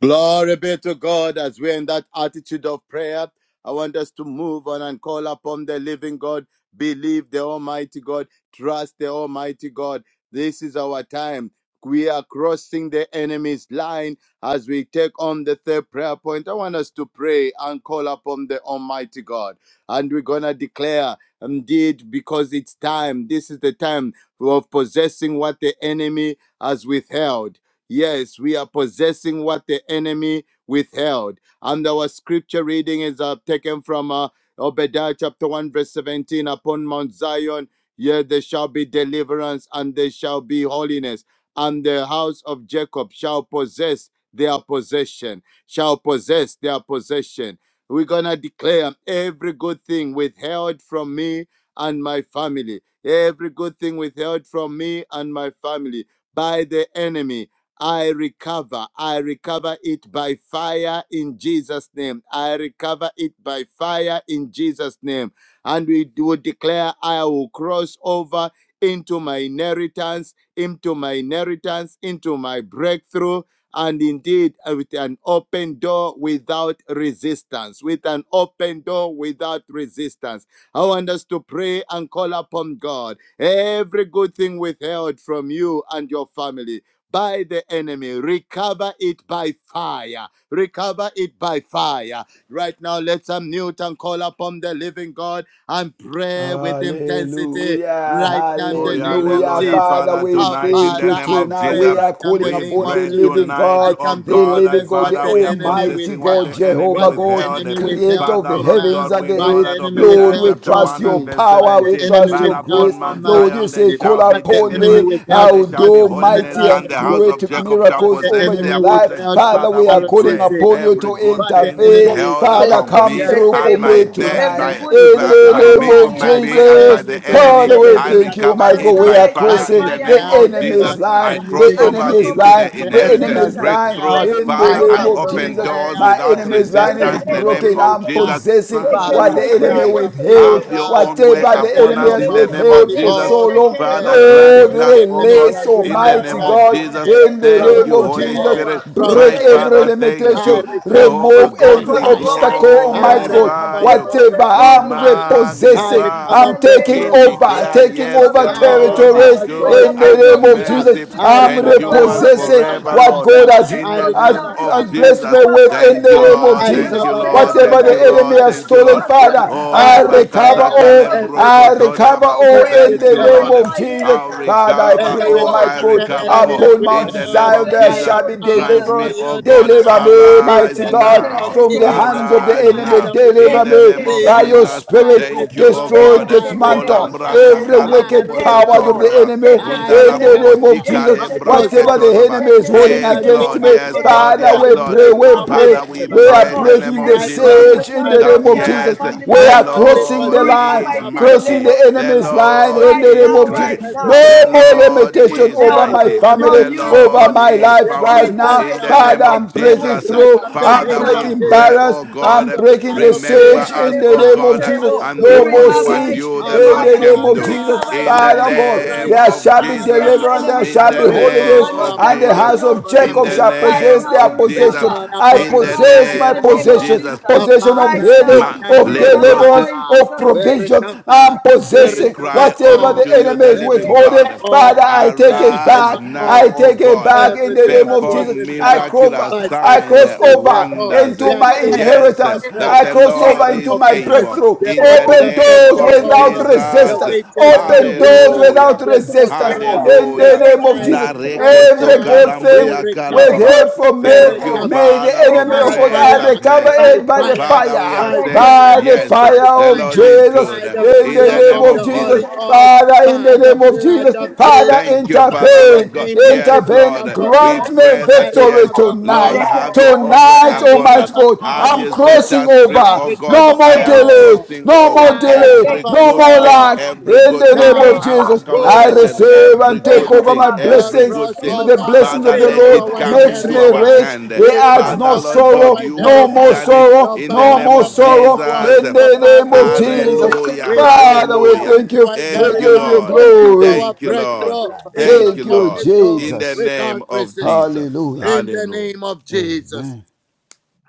E: Glory be to God as we're in that attitude of prayer. I want us to move on and call upon the living God, believe the Almighty God, trust the Almighty God. This is our time. We are crossing the enemy's line as we take on the third prayer point. I want us to pray and call upon the Almighty God. And we're going to declare, indeed, because it's time. This is the time of possessing what the enemy has withheld Yes, we are possessing what the enemy withheld. And our scripture reading is uh, taken from uh, Obadiah chapter 1, verse 17. Upon Mount Zion, here there shall be deliverance and there shall be holiness, and the house of Jacob shall possess their possession, shall possess their possession. We're going to declare every good thing withheld from me and my family, every good thing withheld from me and my family by the enemy I recover. I recover it by fire in Jesus' name. I recover it by fire in Jesus' name. And we will declare, I will cross over into my inheritance, into my inheritance, into my breakthrough. And indeed, uh, with an open door without resistance, with an open door without resistance. I want us to pray and call upon God. Every good thing withheld from you and your family by the enemy. Recover it by fire. Recover it by fire. Right now, let's unmute and call upon the living God and pray with intensity.
C: Hallelujah,
E: Right now, in the
D: Hallelujah,
E: name of
C: hallelujah.
D: hallelujah,
E: Jesus.
C: Father,
D: Father,
C: we
E: Our
D: tonight in
C: thank
D: the
C: you
E: Father,
D: name
E: I
D: of
C: tonight.
E: pray
D: Jesus.
C: We
E: right
C: are
E: now in the
C: calling
D: We
E: name
C: upon the
E: of
D: pray
E: Jesus.
C: living
D: tonight,
E: I
C: God,
D: oh
E: come to
C: the
D: God,
C: living
D: that
E: possess
C: God,
E: what
C: the
D: Father,
E: the
D: we are
E: enemy
C: Almighty
D: possessing what
C: God,
D: the
E: withheld,
D: enemy
C: Jehovah
E: what the
C: God,
D: withheld.
E: enemy
C: creator
E: withheld
C: of
D: Father,
C: the
E: from
D: Lord
E: man,
C: heavens
D: God,
C: and
D: we
C: the
E: what
D: know
E: the
C: earth.
D: that
E: enemy
C: Lord,
D: Obadiah
C: we
E: withheld
D: chapter
E: from
C: trust
D: 1
C: your
D: and
E: me,
D: verse
E: what
C: power,
E: the
C: we
D: 17,
E: enemy
C: trust
D: but
C: your
E: withheld
D: upon
C: grace.
E: from
D: Mount
E: my
C: Lord, you
D: Zion there
C: say,
E: family.
C: Call
D: shall be
E: What the
C: upon
E: enemy
C: me,
D: deliverance, and
E: withheld
C: I
D: there
C: will
E: from
D: shall be
C: do
E: Natasha and
D: holiness,
C: mighty
D: and
E: Rasa
C: and
D: the house of
C: great
E: Joshua.
D: Jacob shall
E: What
C: miracles
E: the
C: over
D: possess
C: your
D: their
E: enemy
C: life.
D: possession.
E: withheld
C: Father,
E: from
D: Father,
C: we are
D: we
C: calling
D: pray
C: upon you
E: RCCA.
D: every
C: to
D: good
E: What the
D: thing
C: intervene.
E: enemy
D: withheld
E: withheld,
C: Father,
D: from
C: come
D: me
E: yes,
C: through
E: from,
C: for
D: and
E: uh,
D: my,
C: me
D: ne-
E: from
C: tonight
B: Every
D: my
C: tonight
B: good
E: every
C: in
D: by,
C: the
E: detail
D: by
B: without
E: of
D: me,
C: name
B: from
E: my
C: of
B: me
D: by
E: life.
B: and
D: me
B: my
D: and by
C: Jesus.
D: the
E: Anything
B: by
E: and
B: the
D: enemy
C: Father, we
D: I
B: enemy.
E: everything
C: thank
E: that
C: you,
E: the
B: I
D: recover
C: my God.
D: it
C: We
B: recover
E: enemy
D: by
C: are
B: it by
E: has
D: fire in
C: crossing
D: the
B: fire
C: the
D: name
B: in the
D: of
E: withheld.
B: name of
C: enemy's
E: uh,
D: Jesus.
B: Jesus.
C: line,
D: I
C: the
D: cross
E: Anything
B: I
E: and
D: over
B: cross
C: enemy's
B: over
E: everything
D: into
C: line,
E: that
D: the
B: into
E: the
C: the
B: my
E: enemy
D: inheritance
E: has
C: enemy's
B: inheritance.
C: line
D: breakthrough,
E: withheld.
B: Break through
C: in the
B: and
E: I
D: Father,
C: name
D: and
E: come
B: open
C: of
E: to
B: doors
D: open
C: Jesus.
B: without
E: declare
D: doors
C: My
D: without
B: resistance.
E: in
C: enemy's
E: the
B: In
C: line is
D: resistance
B: the
E: name
D: in the
E: of
B: name of
D: name
C: broken.
E: Jesus,
D: of
C: I'm
B: Jesus.
D: Jesus.
C: possessing
D: Father,
E: by
C: what
D: we
C: the
E: the
C: enemy
E: blood
D: pray.
B: Yekeseterebo,
E: of
C: withheld,
D: Have
B: seterebo.
D: your
E: Jesus,
D: own way
C: whatever
E: with
C: the
E: the
D: upon
C: enemy
D: us
E: help
C: has
D: in
E: of
D: the
B: Yekeseterebo.
E: the
D: name
C: withheld
D: of
E: Holy
C: for
D: Jesus.
C: so
E: Ghost.
C: long.
B: Yekeseterebo,
D: Father, grant
E: Everything
C: Lord,
E: that
D: not,
B: seterebo.
E: the
D: oh
E: enemy
D: God,
C: release,
E: has
B: Yes,
D: in the
B: Father,
E: withheld,
C: Almighty
D: name
B: thank
E: I
D: of
B: you.
C: God,
D: Jesus.
E: pray
B: Thank
C: in
B: you.
C: the
B: I
D: Thank
E: from
B: was
C: name
D: you,
C: of
D: Holy
B: crossing
C: Jesus.
E: today,
D: Spirit.
B: over
E: from
B: in
D: My
C: Break
B: the name
C: every
D: Father,
B: of
E: today,
D: thank
B: Jesus.
C: limitation,
E: I
D: you.
E: recover
D: Jehovah
E: it
C: remove
B: We're
E: by
D: God,
C: every
D: we
B: crossing
E: fire.
B: over in
C: obstacle,
B: our
E: I
C: Almighty
B: inheritance
C: God.
D: glorify
E: recover
B: with
D: you.
B: open
C: Whatever
E: progress
D: We
E: by
B: door
C: I'm
B: without
E: fire.
B: resistance.
E: I
C: repossessing,
D: magnify
E: recover
C: I'm
D: you.
B: In the name
C: taking
D: We
B: of
E: breakthrough by
C: over,
B: Jesus.
D: declare,
E: fire.
C: taking
D: yes,
B: We're
C: over
D: the
B: crossing
E: I
D: Lord
B: over
D: is
C: territories
E: recover
B: with
E: joy
D: good
C: in
E: by
B: open
D: and
C: the
D: his
B: doors
C: name of
E: fire.
B: without
C: Jesus.
D: mercy
E: I
C: I'm
B: resistance.
E: recover
B: We're
D: endures
E: wholeness
B: crossing
C: repossessing
E: by
B: over
D: forever,
C: what
D: Lord.
B: with
E: fire.
C: God has,
B: open
D: In
E: I
D: the
B: doors
C: has,
D: name
E: recover
B: without
D: of
C: has
E: abundance
C: blessed
B: resistance.
C: me
D: Jesus,
E: by
B: We're
C: with in
D: thank
B: crossing
D: you,
E: fire.
C: the name of
B: over
D: Lord,
E: I
B: with
D: thank
C: Jesus.
D: you,
E: recover
B: open
E: rest
D: Lord,
B: doors
E: on
C: Whatever
D: thank
C: the
D: you,
B: without
E: every
C: enemy
D: Lord,
E: side
C: has
D: thank
B: resistance.
E: by
D: you,
C: stolen,
D: Lord.
B: We're
E: fire.
C: Father,
B: crossing
D: Oh,
C: I
E: I
B: over
D: Rebecca
B: with
C: recover
E: declare
B: open
C: all.
B: doors without
C: I
E: everything
D: Sakalembroco,
E: that
D: Tori
E: the
B: resistance.
C: recover
D: Baba,
E: enemy
C: all
B: We're
E: has
C: in
D: thank
B: crossing
C: the
D: you,
B: over
C: name
E: withheld.
B: into
D: Lord.
C: of
B: our
C: Jesus.
D: I'll
B: inheritance
C: Father,
B: with
C: I
D: recover,
C: pray,
B: open
D: oh,
E: Everything
B: doors
C: Almighty
D: I
E: that
C: God,
E: the
D: recover,
B: without
E: enemy
D: oh,
E: has
C: upon Mount
D: in
B: resistance.
D: the name
E: prepared,
B: In
C: Zion
D: of
B: the
C: there
E: I
B: name
D: Jesus,
E: have
C: shall
B: of
C: be
E: come
D: grant
B: Jesus.
E: for
D: me,
C: deliverance.
D: oh
E: you
D: God,
C: Deliver
E: now.
C: me,
E: In
C: mighty
D: arise
E: the
B: Yes,
E: name
C: God,
E: of
D: now,
C: from the
E: Jesus,
C: hands of the
B: Lord.
D: arise
E: by
C: enemy.
D: now.
E: the
D: In
E: blood
C: Deliver
D: the
E: of
D: name
C: me
D: of
C: by
E: Jesus,
C: your
D: Jesus,
E: I
C: spirit.
E: will
D: thank you, oh
E: right now.
C: Destroy,
D: God.
E: I
D: Oh
E: recover.
C: dismantle
D: Lambra
C: every
D: Kakala
E: I
C: wicked
D: Bobo
B: Yes,
E: recover.
C: powers of
D: Sotor
C: the
D: Baba.
C: enemy
E: I
C: in
D: Undala
C: the
D: Bobo
C: name of
E: recover
D: Sika
E: my
C: Jesus.
D: Lembra
C: Whatever
D: Sketor
C: the
E: possession.
D: Baba.
C: enemy is
E: I
C: holding
D: Yes,
C: against
E: indeed
D: Lord,
C: me,
E: upon
D: yes,
E: Mount
D: Lord,
C: Father,
D: yes,
B: Lord.
C: we
E: Zion
D: Lord.
E: there
C: pray, we
E: shall
B: Recover
E: be
C: break.
D: Father, we
B: everything,
C: We
B: oh
E: deliverance.
D: pray
C: are
D: in
B: God.
D: the name
C: breaking
E: And
D: of
C: the
B: Every
E: I
B: good
D: Jesus
B: thing
E: possess
C: siege in
B: withheld
E: my
C: the
D: that
B: from
C: name
B: me
C: of
B: and my
C: Jesus.
D: yes,
E: possession.
B: family by
C: We
D: the
E: My
B: the
C: are
E: family
B: enemy.
C: crossing
B: We
C: the
D: Lord
C: line,
E: possesses
B: recover
D: is
B: it
E: their
B: in the
C: crossing
B: name
D: mighty,
C: the
B: of
E: possession.
B: Jesus.
D: the
C: enemy's
E: I will
C: line
E: say,
D: Lord
C: in
B: Right
C: the
E: say
C: name
D: is
E: he
B: now,
C: of
B: right
D: great,
C: Jesus.
E: possesses
B: now,
E: their
C: No
D: the
C: more
B: everything
D: Lord
E: possession.
C: limitation
D: is
C: over
B: withheld
C: my
D: mighty,
E: Everyone in
C: family,
D: the
B: from
E: prayer
B: you,
C: over
E: storm,
D: Lord
B: from
C: my
B: me,
D: is
E: they
C: life
B: we
C: life right
D: powerful.
E: possess
C: now.
B: recover
D: In
B: it
E: their
D: the
B: in
C: Father,
D: name
B: the
D: of
B: mighty
C: I'm
E: possession.
B: name
C: breaking
D: Jesus,
B: of
E: Right
C: through.
B: Jesus.
E: now, in the
B: Right
C: I'm
D: Father,
E: name of
D: we
B: now.
C: breaking
E: Jesus,
D: pray,
C: barriers.
D: oh
E: by
D: God.
C: I'm
E: the
C: breaking
E: blood
C: the
E: of
D: Remember
C: siege
E: Jesus,
C: in
D: us,
C: the
D: O
E: by
C: name of
E: the
D: God,
C: Jesus.
E: fire of the
D: and
B: You
C: No
D: do
E: Holy
C: more
D: only
E: Ghost.
D: what
B: recover it
C: siege
D: you,
B: by
D: the
C: in
E: Abba,
D: Lord,
C: the
B: fire.
C: name
D: can
C: of
B: You
D: do.
C: Jesus.
B: recover it
D: In
B: in
E: Father,
D: the
B: the
C: Father
B: name of
C: God,
D: name
C: there
B: Jesus.
E: righteous
D: of
C: shall be
D: Jesus.
B: The
C: deliverance, there
B: enemy
E: Father,
D: In
C: shall be
D: the
B: cannot
E: we
D: name
C: holiness,
E: call
B: cannot
D: of
E: upon
C: and
B: take
C: the
E: you,
B: what
E: the
D: Jesus.
C: house
B: belongs
C: of
B: to
D: In
E: covenant
B: you.
C: Jacob
D: the
C: shall
E: keeping
B: Right
E: God.
C: possess
D: name
B: now
C: their
B: we
D: of
E: We
D: Jesus.
B: recover.
C: possession.
E: call
C: I
B: We
E: upon
D: In
E: you,
D: the
E: the
B: recover
C: possess
B: in
C: my
D: name
B: the
E: righteous
B: name
D: of
B: of
E: God.
C: possession,
D: Jesus.
E: The
B: Jesus.
C: possession of
B: Right
E: Father,
C: healing,
E: it's
B: now
D: Ma-
E: time
B: we
C: of
E: to
B: recover
E: recover.
D: lebrose
B: all
C: deliverance,
B: in
C: of
B: Jesus'
E: We
B: name.
C: provision.
E: recover.
C: I'm
E: We
D: we
C: possessing
E: recover
D: cry
C: whatever the
D: unto
E: all.
D: you,
C: enemy
D: the
E: We
C: is
D: living
E: recover
C: withholding.
D: God.
C: Father,
E: all.
C: I
E: We
C: take it
D: Arise
C: back.
E: recover
D: now,
C: I take
E: all.
D: O
C: take it
D: God.
C: back in the
E: Everything
C: name
E: that
C: of
E: was
C: Jesus.
D: Perform
C: I
E: withheld
C: cross,
D: miraculous
E: by
C: I
D: signs,
E: Satan
C: cross
E: the
C: over
E: devil,
C: into
D: wonders.
E: the
C: my
E: accuser of
D: Yes,
E: the
C: inheritance.
D: that
C: I
E: brethren,
D: the
E: the
C: cross over
D: Lord
E: father
C: into
D: is
E: of
C: my
E: lies,
D: able.
C: breakthrough.
E: the
D: In the
C: Open
E: serpent,
D: name
C: doors
E: the
D: of
C: without
E: warlocks, the
D: Jesus.
C: resistance.
E: witches and the
C: Open doors
E: wizards,
C: without
D: Hallelujah.
E: the
C: resistance.
E: sorcerers,
C: In
E: the
C: the
D: Hallelujah.
C: name of
E: shrines.
C: Jesus.
E: Right
D: Nareke
C: Every
E: now,
C: good
E: we
C: thing
D: sokalambria
E: recover.
D: kalababa.
C: withheld from
E: We
C: me
D: Thank you,
C: May the
E: recover
D: Father
C: enemy
D: of
C: of
E: by
C: God I
D: grace and
E: fire,
C: recover
E: by
D: mercy.
C: it by the
E: fire,
D: Father, we are
C: fire,
E: by
D: saying,
C: by
E: fire,
C: the
D: yes,
E: by
C: fire
D: the
C: of
D: Lord
E: fire
D: is
C: Jesus,
D: good.
E: by the
C: in
D: In
C: the
E: fire
D: the
C: name
D: name
E: of
C: of
D: of
E: the
C: Jesus,
D: Jesus.
E: Holy Ghost,
C: Father, in
E: by
C: the
E: the
C: name of
E: blood
C: Jesus,
E: of
C: Father,
E: Jesus,
D: Thank you,
E: by
D: Father,
E: the
C: intervene,
D: Lord God.
E: name that
D: Yes,
E: is
C: intervene,
E: above
D: Lord.
E: all
D: We
C: grant
E: names.
C: me
D: pray
E: I
D: that,
C: victory
D: yes,
E: recover
D: Lord,
C: tonight.
D: have
E: all.
D: your
B: Yes,
D: own way
C: Tonight,
E: I
D: upon
C: Almighty
D: us.
E: recover
C: God,
D: As
C: I'm
D: you
B: In
E: all.
D: set
C: crossing
D: us free,
E: I
C: over.
D: oh God,
C: No
E: recover
D: I
C: more
D: am
C: delay,
E: all.
D: crossing
C: no
D: over
C: more
E: I
C: delay,
D: every
E: recover
C: no
D: good
C: more
D: thing,
C: lack,
E: all.
D: every
C: in
D: good
C: the
B: the
D: thing,
C: name of
B: name
E: Now,
D: our
B: of
C: Jesus,
E: oh
C: I
B: Jesus.
D: accommodation,
E: God, I
C: receive
D: every
C: and take
B: Thank
D: good
B: you,
E: declare,
C: over
D: thing,
C: my
B: Father.
E: we'll
D: every
C: blessings.
D: good
E: cross
B: Thank
D: thing.
B: you,
C: The
E: over
C: blessings
B: Father.
D: Father,
C: of
B: In
C: the
B: the
E: into
D: let
B: name
D: it
C: Lord
E: our
B: of
D: come
C: makes
B: Jesus.
D: into
C: me
D: our
B: Thank
E: inheritance.
C: rich.
D: hand.
C: He
B: you,
E: We
C: adds
B: terrible.
E: cross
C: no
D: Father,
E: over
D: Lord
E: into
B: Yes,
D: God,
B: Thank
E: our
C: sorrow,
D: you
B: you,
C: no
B: Jesus.
D: have
C: more
E: inheritance.
D: done it
C: sorrow,
E: No
D: in
E: by
D: the
C: no
E: might,
D: name
C: more
E: no
D: of
E: by
B: Thank you,
C: sorrow.
B: Father.
E: power
D: Jesus.
C: In the
E: Papa,
C: name
E: the
C: of
B: Yes,
E: Holy
C: Jesus.
E: Ghost,
D: Hallelujah,
B: terrible.
E: we cross
C: Father, we
E: over
D: hallelujah.
C: thank
E: into
C: you.
E: our
C: We
D: Thank you,
C: give you
E: inheritance,
D: Lord.
E: into
C: glory.
E: our
D: Thank you, Lord.
E: breakthrough, into
D: Thank
E: an
D: you,
C: Thank you,
E: open
D: Lord.
E: door
D: In the
C: Jesus.
D: name
E: without
D: of
E: resistance.
D: Jesus.
C: Hallelujah.
E: In the name
D: Hallelujah.
E: of Jesus.
C: Amen.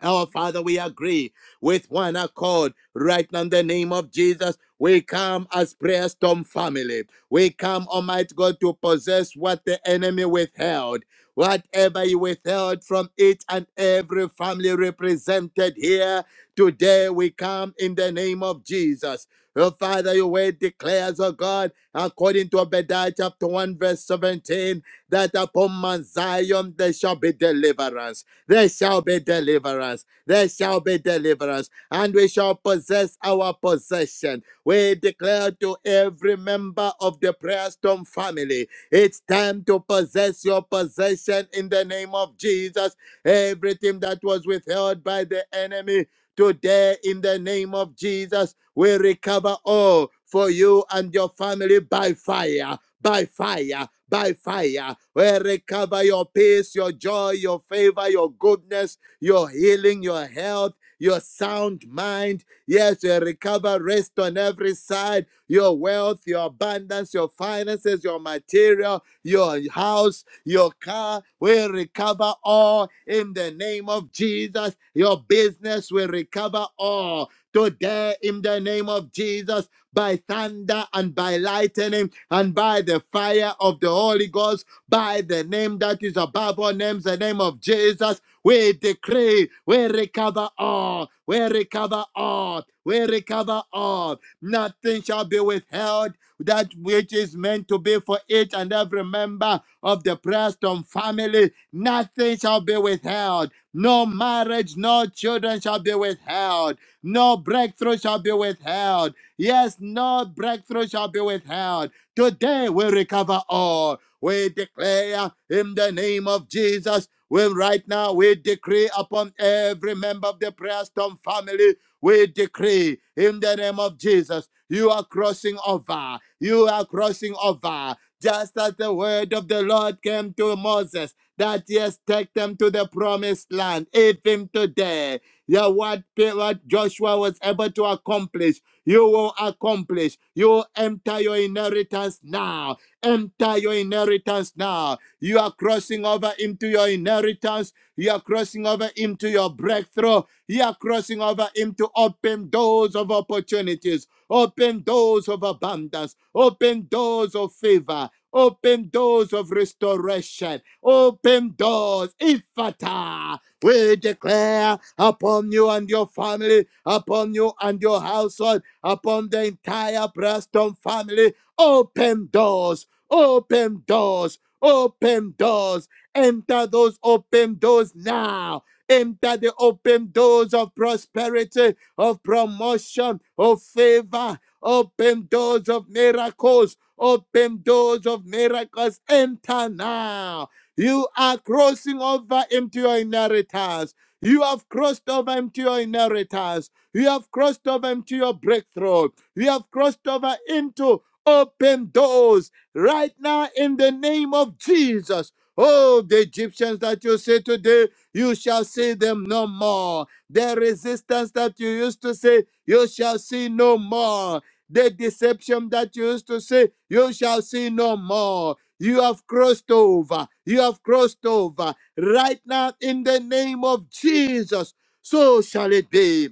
E: Our Father, we agree with one accord right now in the name of Jesus. We come as prayer storm family. We come, Almighty God, to possess what the enemy withheld. Whatever you withheld from each and every family represented here, today we come in the name of Jesus. Oh, Father, your word declares, oh God, according to Obadiah chapter 1, verse 17, that upon Mount Zion there shall be deliverance. There shall be deliverance. There shall be deliverance. And we shall possess our possession. We declare to every member of the Prayer Storm family it's time to possess your possession in the name of Jesus. Everything that was withheld by the enemy. Today, in the name of Jesus, we recover all for you and your family by fire by fire, by fire. We recover your peace, your joy, your favor, your goodness, your healing, your health, your sound mind. Yes, we recover rest on every side, your wealth, your abundance, your finances, your material, your house, your car we recover all in the name of Jesus. Your business will recover all today in the name of Jesus by thunder and by lightning and by the fire of the Holy Ghost, by the name that is above all names, the name of Jesus. We decree, we recover all, we recover all, we recover all. Nothing shall be withheld that which is meant to be for each and every member of the Preston family. Nothing shall be withheld. No marriage, no children shall be withheld. No breakthrough shall be withheld. Yes, no breakthrough shall be withheld. Today we recover all. We declare in the name of Jesus. Well, right now we decree upon every member of the Prayer Storm family. We decree in the name of Jesus. You are crossing over. You are crossing over. Just as the word of the Lord came to Moses, that yes, take them to the promised land, even today. Yeah, what, what Joshua was able to accomplish you will accomplish. You will enter your inheritance now. Enter your inheritance now. You are crossing over into your inheritance. You are crossing over into your breakthrough. You are crossing over into open doors of opportunities, open doors of abundance, open doors of favor. Open doors of restoration. Open doors. Ifata. We declare upon you and your family, upon you and your household upon the entire Preston family. Open doors, open doors, open doors. Enter those open doors now. Enter the open doors of prosperity, of promotion, of favor. Open doors of miracles. Open doors of miracles. Enter now. You are crossing over into your inheritance. You have crossed over into your inheritance you have crossed over into your breakthrough. You have crossed over into open doors right now in the name of Jesus. Oh, the Egyptians that you see today, you shall see them no more. The resistance that you used to say, you shall see no more. The deception that you used to say, you shall see no more. You have crossed over. You have crossed over. Right now, in the name of Jesus, so shall it be.